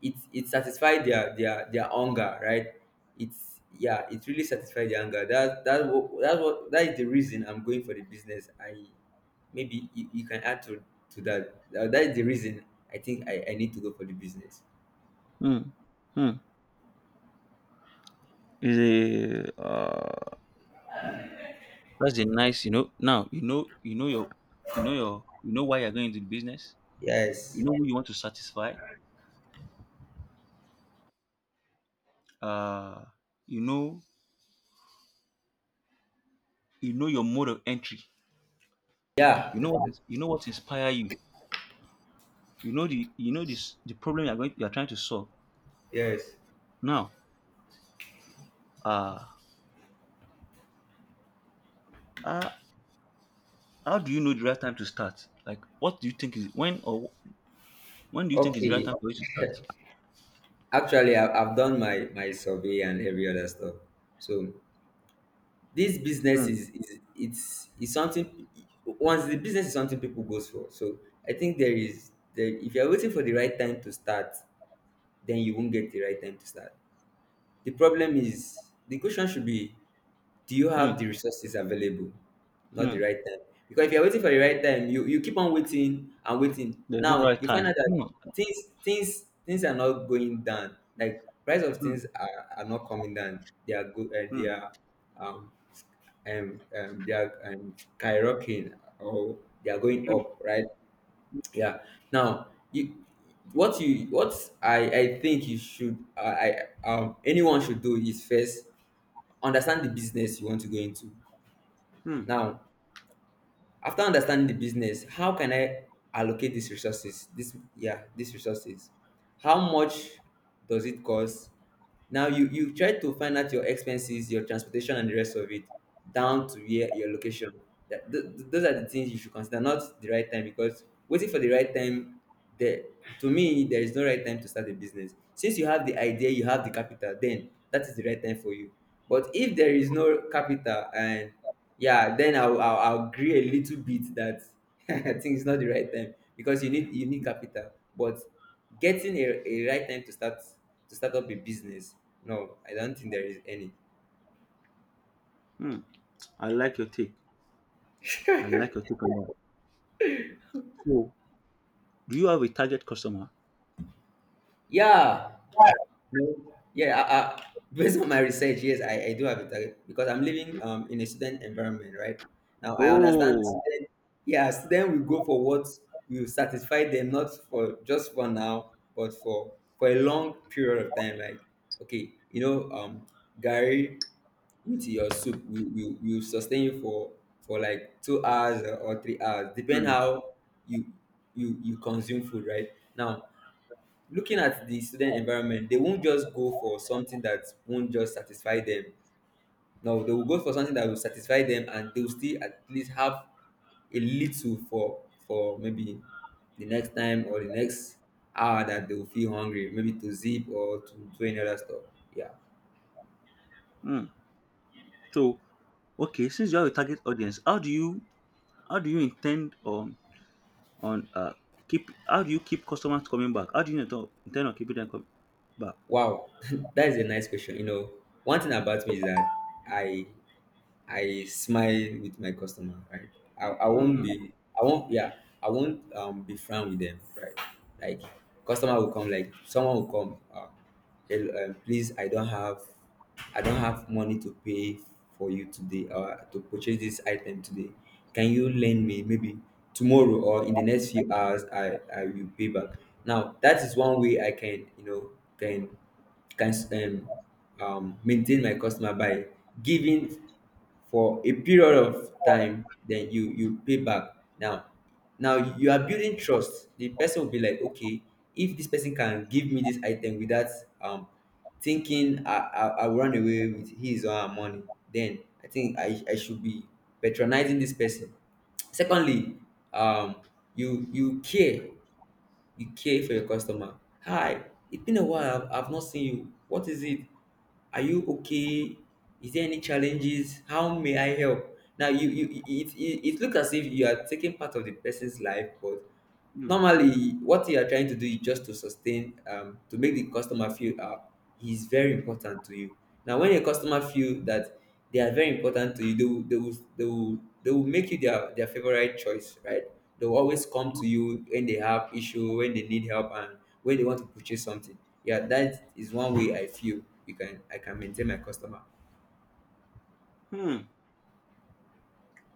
Speaker 1: it it satisfies their their their hunger, right? It's— yeah, it really satisfies the hunger. That that's what that's what that is the reason I'm going for the business. I maybe you, you can add to to that. Uh, that is the reason I think I, I need to go for the business.
Speaker 2: Hmm. Hmm. Is a uh, that's the nice, you know. Now you know, you know your, you know your, you know why you're going into the business. You
Speaker 1: Yes.
Speaker 2: know who you want to satisfy. Uh, you know, you know your mode of entry.
Speaker 1: Yeah,
Speaker 2: You know
Speaker 1: definitely.
Speaker 2: what, you know what inspire you. You know the, you know this the problem you're going you're trying to solve.
Speaker 1: Yes.
Speaker 2: Now, uh, uh how do you know the right time to start? Like, what do you think is when, or when do you think is the right
Speaker 1: Okay,
Speaker 2: time for you to start?
Speaker 1: actually, I, I've done my my survey and every other stuff. So this business
Speaker 2: Hmm.
Speaker 1: is, is it's it's something. Once the business is something people goes for, so I think there is there if you're waiting for the right time to start, then you won't get the right time to start. The problem is— the question should be, do you
Speaker 2: Hmm.
Speaker 1: have the resources available, not the
Speaker 2: Hmm.
Speaker 1: right time. Because if you're waiting for the right time, you you keep on waiting and waiting.
Speaker 2: There's no
Speaker 1: Now
Speaker 2: right
Speaker 1: you find
Speaker 2: time.
Speaker 1: out that
Speaker 2: Hmm.
Speaker 1: things things things are not going down. Like, price of
Speaker 2: Hmm.
Speaker 1: things are, are not coming down. They are good, uh, they
Speaker 2: Hmm.
Speaker 1: are, um um, um, they are, um, skyrocketing, or they are going
Speaker 2: Hmm.
Speaker 1: up, right? Yeah. Now, you, what you what I, I think you should I, I um anyone should do is first understand the business you want to go into.
Speaker 2: Hmm.
Speaker 1: Now, after understanding the business, how can I allocate these resources, this yeah these resources? How much does it cost? Now, you you try to find out your expenses, your transportation, and the rest of it, down to where your location. That th- th- those are the things you should consider, not the right time. Because waiting for the right time— there to me, there is no right time to start a business. Since you have the idea, you have the capital, then that is the right time for you. But if there is no capital, and— yeah, then i'll i'll, I'll agree a little bit that, I think it's not the right time, because you need you need capital. But getting a, a right time to start to start up a business— no, I don't think there is any.
Speaker 2: Hmm. I like your take. I like your take on that. So, do you have a target customer?
Speaker 1: Yeah. No, yeah, I, I, based on my research, yes, I, I do have a target, because I'm living, um in a student environment, right? Now I understand
Speaker 2: Oh,
Speaker 1: student, yeah, student will go for what will satisfy them, not for just for now, but for for a long period of time. Like, okay, you know, um, Gary with your soup will will, will sustain you for for like two hours or, or three hours, depend
Speaker 2: mm,
Speaker 1: how you you you consume food, right? Now, looking at the student environment, they won't just go for something that won't just satisfy them. No, they will go for something that will satisfy them, and they will still at least have a little for for maybe the next time or the next hour that they will feel hungry, maybe to zip or to do any other stuff. Yeah.
Speaker 2: mm. So okay, since you have a target audience, how do you, how do you intend on on uh keep, how do you keep customers coming back? How do you intend intend on keeping them coming back?
Speaker 1: Wow. That is a nice question, you know. One thing about me is that i I smile with my customer, right? I, I won't
Speaker 2: Hmm.
Speaker 1: be I won't yeah, I won't um be frank with them, right? Like, customer will come— like someone will come, uh, "Hello, um, please, I don't have I don't have money to pay for you today or to purchase this item today. Can you lend me, maybe tomorrow or in the next few hours, I, I will pay back." Now, that is one way I can, you know, can can um, um, maintain my customer, by giving for a period of time, then you you pay back. Now, now you are building trust. The person will be like, okay, if this person can give me this item without, um thinking i i, I will run away with his or her money, then I think i, I should be patronizing this person. Secondly, um you you care you care for your customer. Hi, it's been a while. I've, I've not seen you. What is it? Are you okay? Is there any challenges? How may I help? Now, you you it, it, it looks as if you are taking part of the person's life, but
Speaker 2: Hmm.
Speaker 1: normally what you are trying to do is just to sustain um, to make the customer feel, uh, he's very important to you. Now, when a customer feel that they are very important to you, they will they will they will, they will make you their, their favorite choice, right? They will always come to you when they have issue, when they need help, and when they want to purchase something. Yeah, that is one way I feel you can I can maintain my customer.
Speaker 2: Hmm.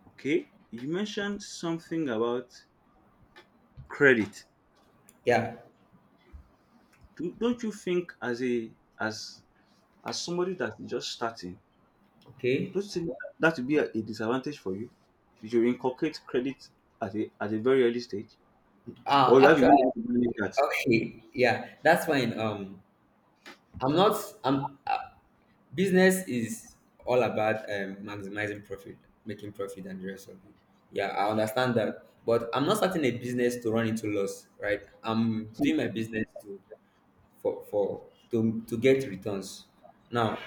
Speaker 2: Okay, you mentioned something about credit.
Speaker 1: Yeah.
Speaker 2: Do, don't you think as a, as, as somebody that's just starting,
Speaker 1: Okay.
Speaker 2: don't you think that would be a, a disadvantage for you if you should inculcate credit at a, at a very early stage?
Speaker 1: Uh
Speaker 2: Or you have a way
Speaker 1: actually,
Speaker 2: to manage that?
Speaker 1: okay, yeah, that's fine. um I'm not I'm I Business is all about, um, maximizing profit, making profit, and the rest of it. Yeah, I understand that, but I'm not starting a business to run into loss, right? I'm
Speaker 2: Hmm.
Speaker 1: doing my business to for for to to get returns. Now,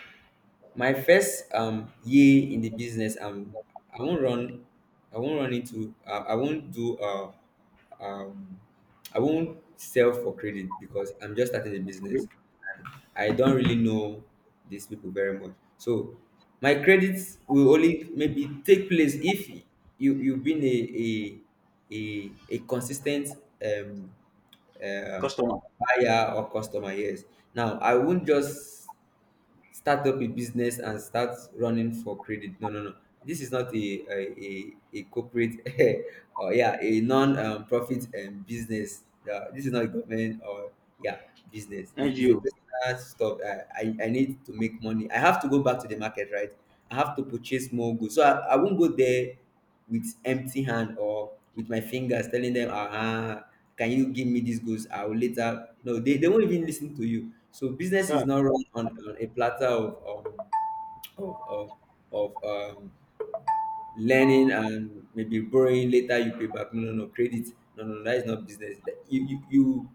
Speaker 1: my first um year in the business, um i won't run i won't run into uh, i won't do uh um I won't sell for credit, because I'm just starting a business.
Speaker 2: Great.
Speaker 1: I don't really know these people very much. So my credits will only maybe take place if you you've been a a a, a consistent, um uh,
Speaker 2: Customer.
Speaker 1: buyer or customer. Yes. Now, I won't just start up a business and start running for credit. No, no, no. This is not a a, a, a corporate, or, yeah, a non um, profit, um, business. Uh, this is not a government or— yeah, business. It, it's a
Speaker 2: N G O.
Speaker 1: personal stuff. I, I I need to make money. I have to go back to the market, right? I have to purchase more goods. So I, I won't go there with empty hand or with my fingers, telling them, ah, "Can you give me these goods? I will later." No, they, they won't even listen to you. So business is
Speaker 2: Yeah,
Speaker 1: not run on, on a platter of, um, of, of, of um, learning and maybe borrowing later you pay back. No no no credit, no no no, that is not business. That- you you, you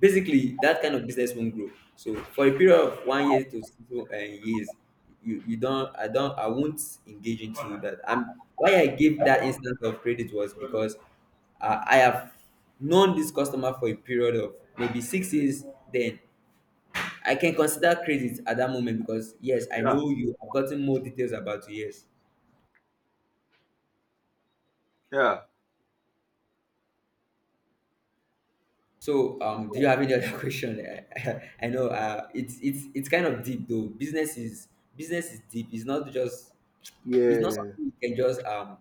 Speaker 1: basically, that kind of business won't grow. So for a period of one year to six uh, years, you you don't I don't I won't engage into that. I'm Why I gave that instance of credit was because uh, I have known this customer for a period of maybe six years, then I can consider credit at that moment, because yes, I
Speaker 2: yeah,
Speaker 1: know you, have gotten more details about you. Yes.
Speaker 2: yeah,
Speaker 1: So, um, do you have any other question? I I know, uh, it's it's it's kind of deep though. Business is, business is deep. It's not just, it's not
Speaker 2: yeah,
Speaker 1: something you can just um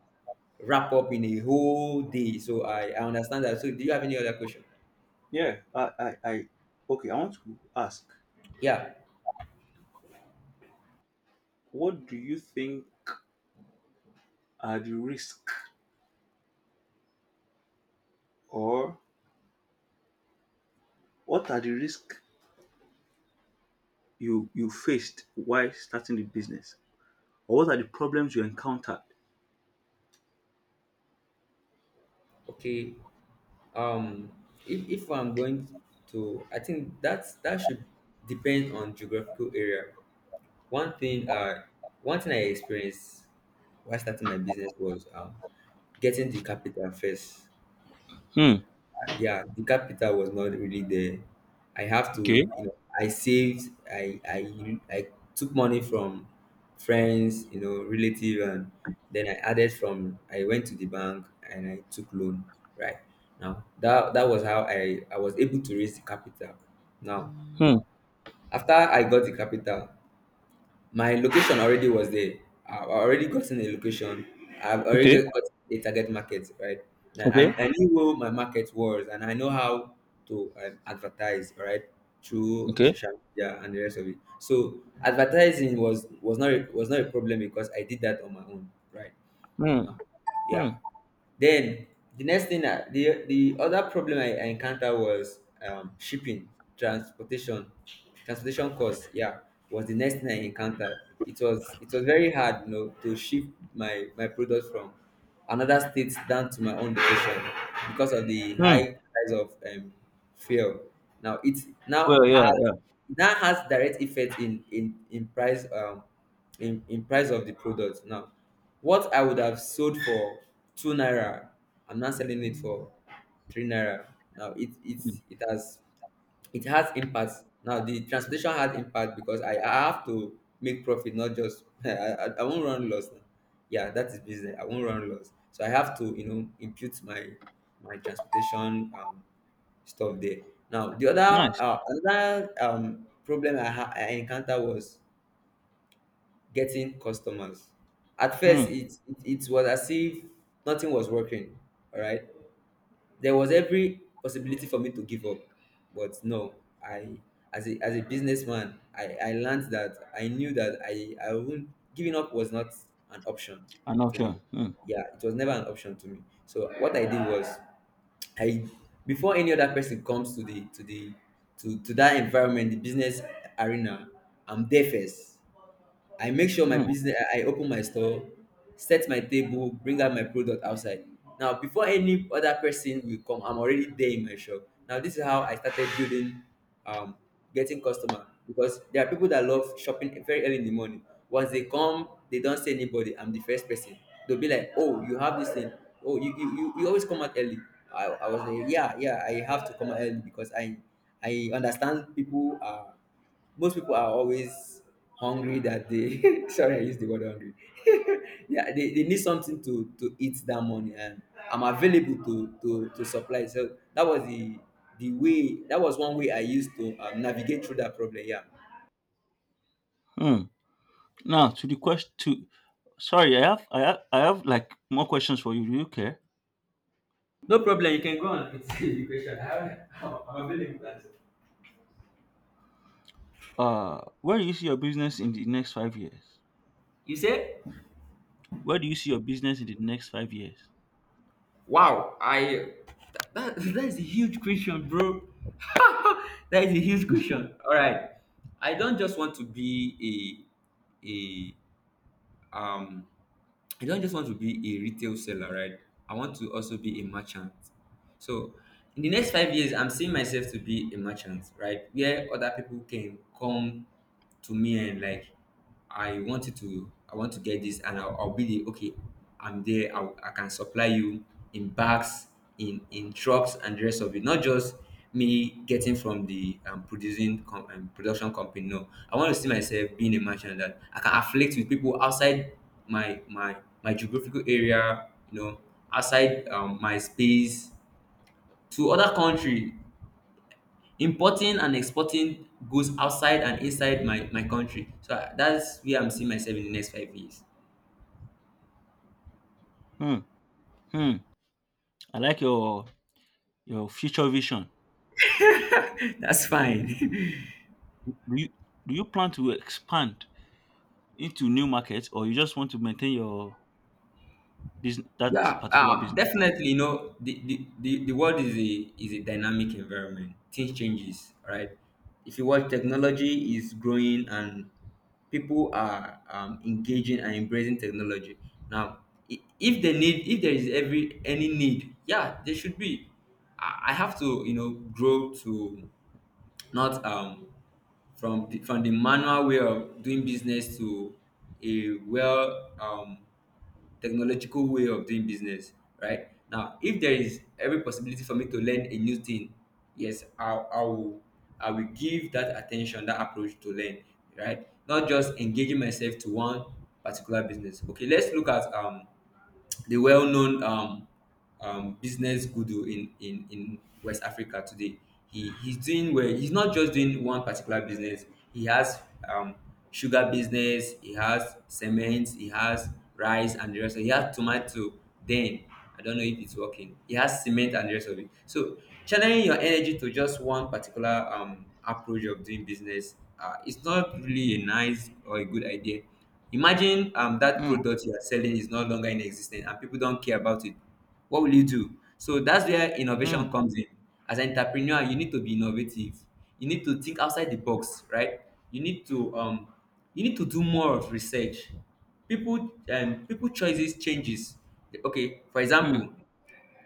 Speaker 1: wrap up in a whole day. So I, I understand that. So do you have any other question?
Speaker 2: yeah. I, I, I, okay, I want to ask,
Speaker 1: Yeah.
Speaker 2: what do you think are the risk, or what are the risks you, you faced while starting the business? Or what are the problems you encountered?
Speaker 1: Okay. Um, if if I'm going to, I think that's, that should depend on geographical area. One thing uh One thing I experienced while starting my business was um getting the capital first.
Speaker 2: Hmm.
Speaker 1: Yeah, the capital was not really there. I have
Speaker 2: Okay.
Speaker 1: to, you know, I saved, i i i took money from friends, you know, relative, and then I added from, I went to the bank and I took loan, right? now that That was how i i was able to raise the capital. Now,
Speaker 2: Hmm.
Speaker 1: after I got the capital, my location already was there. I've already gotten a location. I've already
Speaker 2: Okay.
Speaker 1: got got a target market, right? Now,
Speaker 2: Okay.
Speaker 1: I, I knew where my market was and I know how to um, advertise, all right, through
Speaker 2: Okay.
Speaker 1: social media and the rest of it. So advertising was was not a, was not a problem because I did that on my own, right?
Speaker 2: Hmm.
Speaker 1: No.
Speaker 2: Hmm.
Speaker 1: Yeah. Then the next thing, I, the the other problem I, I encountered was um, shipping, transportation, transportation costs. Yeah, was the next thing I encountered. It was, it was very hard, you know, to ship my my products from another state down to my own location because of the
Speaker 2: Hmm.
Speaker 1: high price of um, fuel. Now it's now
Speaker 2: Well, yeah,
Speaker 1: has
Speaker 2: yeah.
Speaker 1: Now has direct effect in in in price. Um, in in price of the product. Now what I would have sold for two naira, I'm now selling it for three naira. Now it it
Speaker 2: Hmm.
Speaker 1: it has it has impact. Now the transportation had impact because i i have to make profit, not just i i, I won't run loss. Now yeah, that is business, I won't run loss. So I have to, you know, impute my my transportation um stuff there. Now the other
Speaker 2: Nice.
Speaker 1: uh, another um problem i ha- I encounter was getting customers. At
Speaker 2: Hmm.
Speaker 1: first, it, it, it was as if nothing was working. All right, there was every possibility for me to give up, but no. I As a, as a businessman, I I learned that, I knew that I I wouldn't giving up was not an option
Speaker 2: I'm not
Speaker 1: to me.
Speaker 2: sure. Hmm.
Speaker 1: Yeah, it was never an option to me. So what I did was, I, before any other person comes to the, to the to to that environment, the business arena, I'm there first. I make sure my
Speaker 2: Hmm.
Speaker 1: business, I I open my store, set my table, bring out my product outside. Now, before any other person will come, I'm already there in my shop. Now, this is how I started building, um, getting customer, because there are people that love shopping very early in the morning. Once they come, they don't see anybody. I'm the first person. They'll be like, "Oh, you have this thing. Oh, you you, you, you always come out early." I, I was like, "Yeah, yeah, I have to come out early because I I understand people are." Most people are always hungry that they sorry, I used the word hungry. Yeah, they, they need something to, to eat that morning, and I'm available to, to, to supply. So that was the the way that was one way I used to um, navigate through that problem. Yeah,
Speaker 2: Hmm. Now to the question. To Sorry, I have, I have, I have like more questions for you. Do you care?
Speaker 1: no problem. You can go on. It's the question. I- I'm available to answer.
Speaker 2: Uh, where do you see your business in the next five years?
Speaker 1: You say?
Speaker 2: Where do you see your business in the next five years?
Speaker 1: Wow, I that, that is a huge question, bro. That is a huge question. All right, I don't just want to be a a um. I don't just want to be a retail seller, right? I want to also be a merchant. So, in the next five years, I'm seeing myself to be a merchant, right? Where other people can come to me and like, I wanted to I want to get this, and I'll, I'll be the, okay, I'm there, I, I can supply you in bags, in in trucks and the rest of it. Not just me getting from the um, producing com- um, production company. No, I want to see myself being a merchant that I can afflict with people outside my my my geographical area, you know, outside, um, my space, to other country, importing and exporting goods outside and inside my my country. So I- that's where I'm seeing myself in the next five years.
Speaker 2: Hmm. Hmm. I like your your future vision.
Speaker 1: That's fine.
Speaker 2: Do you do you plan to expand into new markets, or you just want to maintain your business, that
Speaker 1: Yeah,
Speaker 2: particular
Speaker 1: um,
Speaker 2: business?
Speaker 1: definitely. You know, the, the, the, the world is a, is a dynamic environment. Things changes, right? If you watch, technology is growing and people are um, engaging and embracing technology. Now, i- if they need, if there is every any need, yeah, there should be. I I have to, you know, grow to not um from the, from the manual way of doing business to a well, um, technological way of doing business. Right now, if there is every possibility for me to learn a new thing, yes, i, I will, I will give that attention, that approach to learn, right? Not just engaging myself to one particular business. Okay, let's look at um the well-known, um, um, business guru in, in, in West Africa today. He, he's doing well. He's not just doing one particular business. He has um, sugar business. He has cement. He has rice and the rest of it. He has tomato. Then, I don't know if it's working. He has cement and the rest of it. So channeling your energy to just one particular, um, approach of doing business, uh, it's not really a nice or a good idea. Imagine um that
Speaker 2: Hmm.
Speaker 1: product you are selling is no longer in existence and people don't care about it. What will you do? So that's where
Speaker 2: Hmm.
Speaker 1: innovation comes in. As an entrepreneur, you need to be innovative. You need to think outside the box, right? You need to um you need to do more of research. People um people choices changes. Okay, for
Speaker 2: Hmm.
Speaker 1: example,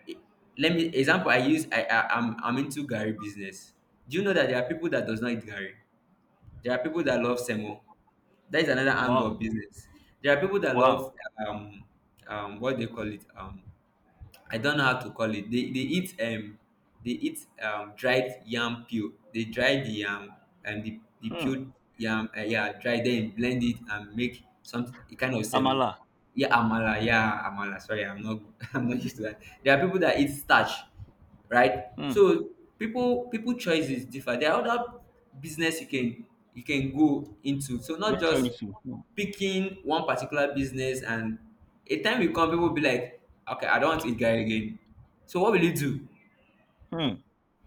Speaker 1: e- let me example I use, I, I I'm I'm into Gary business. Do you know that there are people that does not eat Gary? There are people that love Semo. That is another angle of
Speaker 2: Wow.
Speaker 1: business. There are people that love,
Speaker 2: Wow.
Speaker 1: um, um, what they call it. Um, I don't know how to call it. They they eat, um they eat, um dried yam peel. They dry the yam and the the
Speaker 2: Hmm.
Speaker 1: peeled yam, um yeah, dry, then blend it and make something, a kind of semo.
Speaker 2: Amala.
Speaker 1: Yeah, amala, yeah, amala. Sorry, I'm not I'm not used to that. There are people that eat starch, right?
Speaker 2: Hmm.
Speaker 1: So people people choices differ. There are other business you can, you can go into. So not
Speaker 2: Venture
Speaker 1: just
Speaker 2: into. Hmm.
Speaker 1: picking one particular business. And a time will come, people will be like, okay, I don't want to eat guy again. So what will you do?
Speaker 2: Hmm.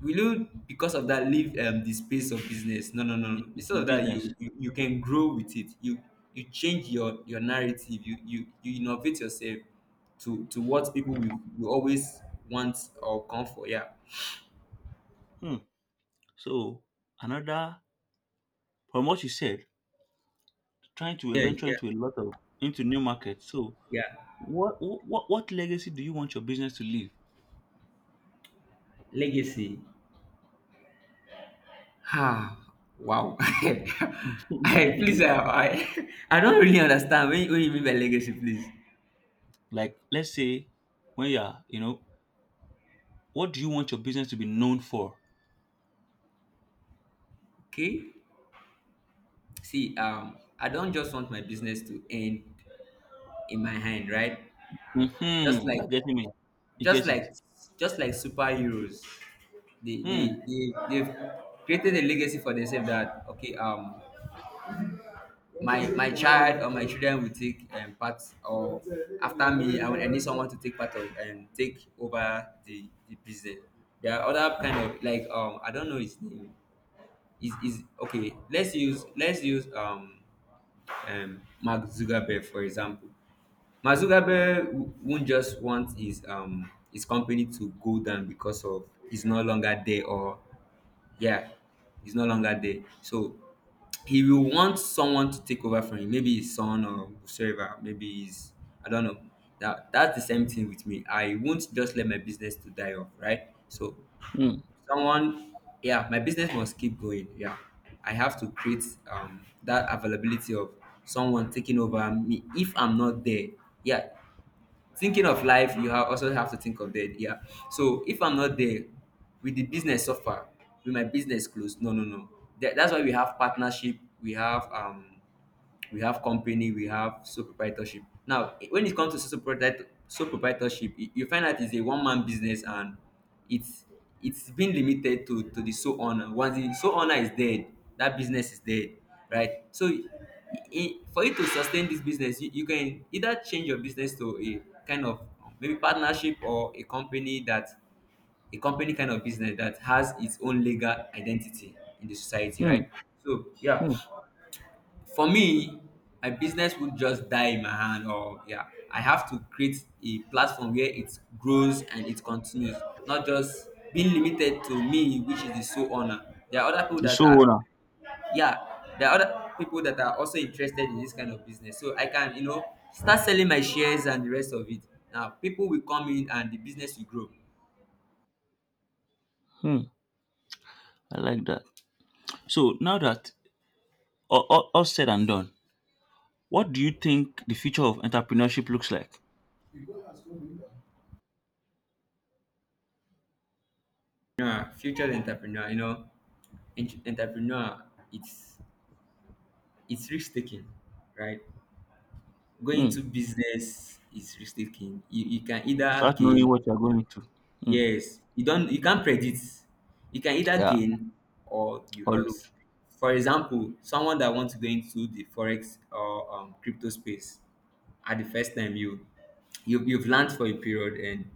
Speaker 1: Will you because of that leave, um, the space of business? No, no, no, no.
Speaker 2: The,
Speaker 1: Instead
Speaker 2: the
Speaker 1: of that, you
Speaker 2: business.
Speaker 1: you, you can grow with it. You you change your your narrative. You you you innovate yourself to to what people will, will always want or come for. Yeah,
Speaker 2: Hmm. So another, from what you said, trying to
Speaker 1: yeah,
Speaker 2: venture
Speaker 1: yeah,
Speaker 2: into a lot of, into new markets. So
Speaker 1: yeah.
Speaker 2: what what what legacy do you want your business to leave?
Speaker 1: Legacy. Ah, wow. I, please, I, I, I don't really understand what, you- what you mean by legacy, please?
Speaker 2: Like, let's say when you are, you know, what do you want your business to be known for?
Speaker 1: Okay. See, um, I don't just want my business to end in my hand, right? Just
Speaker 2: Hmm.
Speaker 1: like,
Speaker 2: You're getting me. You
Speaker 1: just
Speaker 2: get it.
Speaker 1: like, just like superheroes, they they
Speaker 2: Hmm.
Speaker 1: they they've created a legacy for themselves, that okay, um, my my child or my children will take, um, part, or after me. And when I need someone to take part of, um, take over the the business, there are other kind of, like, um I don't know his name is is, okay, let's use, let's use um um Mark Zuckerberg, for example. Mark Zuckerberg w- won't just want his, um his company to go down because of, he's no longer there, or, yeah, he's no longer there. So he will want someone to take over from him. Maybe his son or whosoever. Maybe his, I don't know. That, that's the same thing with me. I won't just let my business to die off, right? So
Speaker 2: Hmm.
Speaker 1: someone, yeah, my business must keep going. Yeah, I have to create um that availability of someone taking over me if I'm not there. Yeah, thinking of life, you have, also have to think of death. Yeah, so if I'm not there, will the business suffer? Will my business close? No, no, no, that, that's why we have partnership. We have um we have company, we have sole proprietorship. Now, i- when it comes to sole proprietorship, sole proprietorship you you find out it's a one man business, and it's it's been limited to to the sole owner. Once the sole owner is dead, that business is dead, right? So, I for you to sustain this business, you, you can either change your business to a kind of maybe partnership, or a company that a company kind of business that has its own legal identity in the society,
Speaker 2: Hmm.
Speaker 1: right? So, yeah,
Speaker 2: Hmm.
Speaker 1: for me, my business would just die in my hand, or yeah, I have to create a platform where it grows and it continues, not just being limited to me, which is the sole owner. There are other people
Speaker 2: The
Speaker 1: that are,
Speaker 2: sole owner.
Speaker 1: yeah, there are other people that are also interested in this kind of business, so I can, you know, start selling my shares and the rest of it. Now, people will come in and the business will grow.
Speaker 2: Hmm. I like that. So now that all, all, all said and done, what do you think the future of entrepreneurship looks like?
Speaker 1: Entrepreneur, future entrepreneur, you know, en- entrepreneur, it's it's risk taking, right? Going
Speaker 2: Hmm.
Speaker 1: into business is risk taking. You, you can either
Speaker 2: Without knowing
Speaker 1: gain,
Speaker 2: what you're going into. Hmm.
Speaker 1: yes, you don't, you can't predict. You can either
Speaker 2: Yeah.
Speaker 1: gain or you
Speaker 2: Or
Speaker 1: lose.
Speaker 2: lose.
Speaker 1: For example, someone that wants to go into the forex or um, crypto space. At the first time, you, you you've learned for a period, and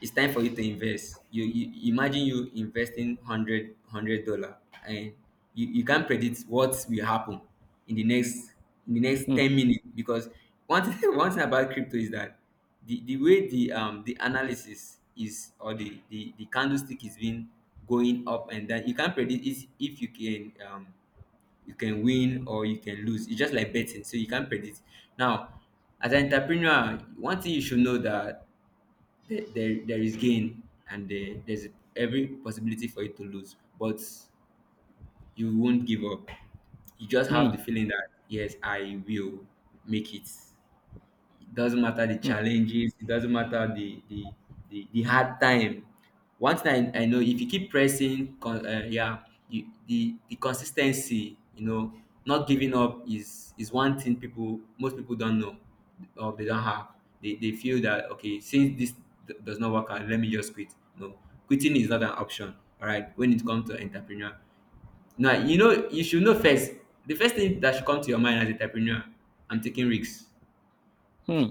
Speaker 1: it's time for you to invest. You, you imagine you investing hundred hundred dollar, and you, you can't predict what will happen in the next in the next
Speaker 2: Hmm.
Speaker 1: ten minutes, because one thing, one thing about crypto is that the, the way the um the analysis is, or the, the the candlestick is being going up and down, you can't predict is if you can um you can win or you can lose. It's just like betting, so you can't predict. Now, as an entrepreneur, one thing you should know, that there, there, there is gain, and there, there's every possibility for you to lose, but you won't give up. You just have
Speaker 2: Hmm.
Speaker 1: the feeling that yes, I will make it. It doesn't matter the
Speaker 2: Hmm.
Speaker 1: challenges, it doesn't matter the the, the, the hard time. One thing I, I know, if you keep pressing con, uh, yeah, you, the the consistency, you know, not giving up is is one thing people, most people don't know, or they don't have. They, they feel that okay, since this d- does not work out, let me just quit. No, quitting is not an option. All right, when it comes to entrepreneur, now you know, you should know first. The first thing that should come to your mind as entrepreneur, I'm taking risks.
Speaker 2: Hmm.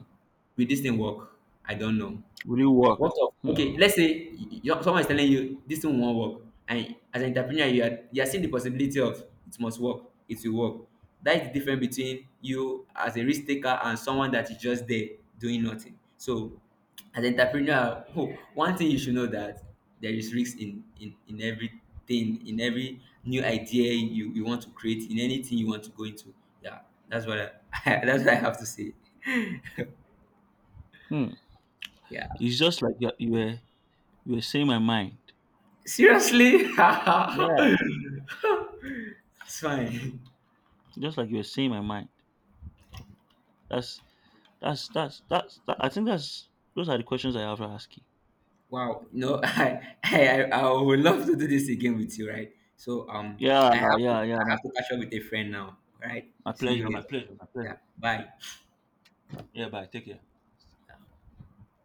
Speaker 1: Will this thing work? I don't know.
Speaker 2: Will it work?
Speaker 1: What of
Speaker 2: Hmm.
Speaker 1: okay? Let's say y- y- someone is telling you this thing won't work, and as an entrepreneur, you are you are seeing the possibility of it must work, it will work. That is the difference between you as a risk taker and someone that is just there doing nothing. So, as an entrepreneur, oh, one thing you should know that there is risk in in in everything, in every new idea you you want to create, in anything you want to go into. Yeah, that's what I, that's what I have to say.
Speaker 2: Hmm.
Speaker 1: Yeah.
Speaker 2: It's just like you you were you were saying my mind.
Speaker 1: Seriously?
Speaker 2: Yeah.
Speaker 1: It's fine.
Speaker 2: Just like you were saying my mind. That's, that's that's that's that, I think that's, those are the questions I have to ask you.
Speaker 1: Wow. No, I, I I I would love to do this again with you, right? So um
Speaker 2: Yeah,
Speaker 1: I have to
Speaker 2: yeah, yeah.
Speaker 1: I
Speaker 2: My,
Speaker 1: have to catch up with a friend now. All right.
Speaker 2: my
Speaker 1: See
Speaker 2: pleasure,
Speaker 1: you
Speaker 2: my
Speaker 1: later.
Speaker 2: pleasure, my
Speaker 1: Yeah.
Speaker 2: pleasure.
Speaker 1: Bye.
Speaker 2: Yeah, bye. Take care.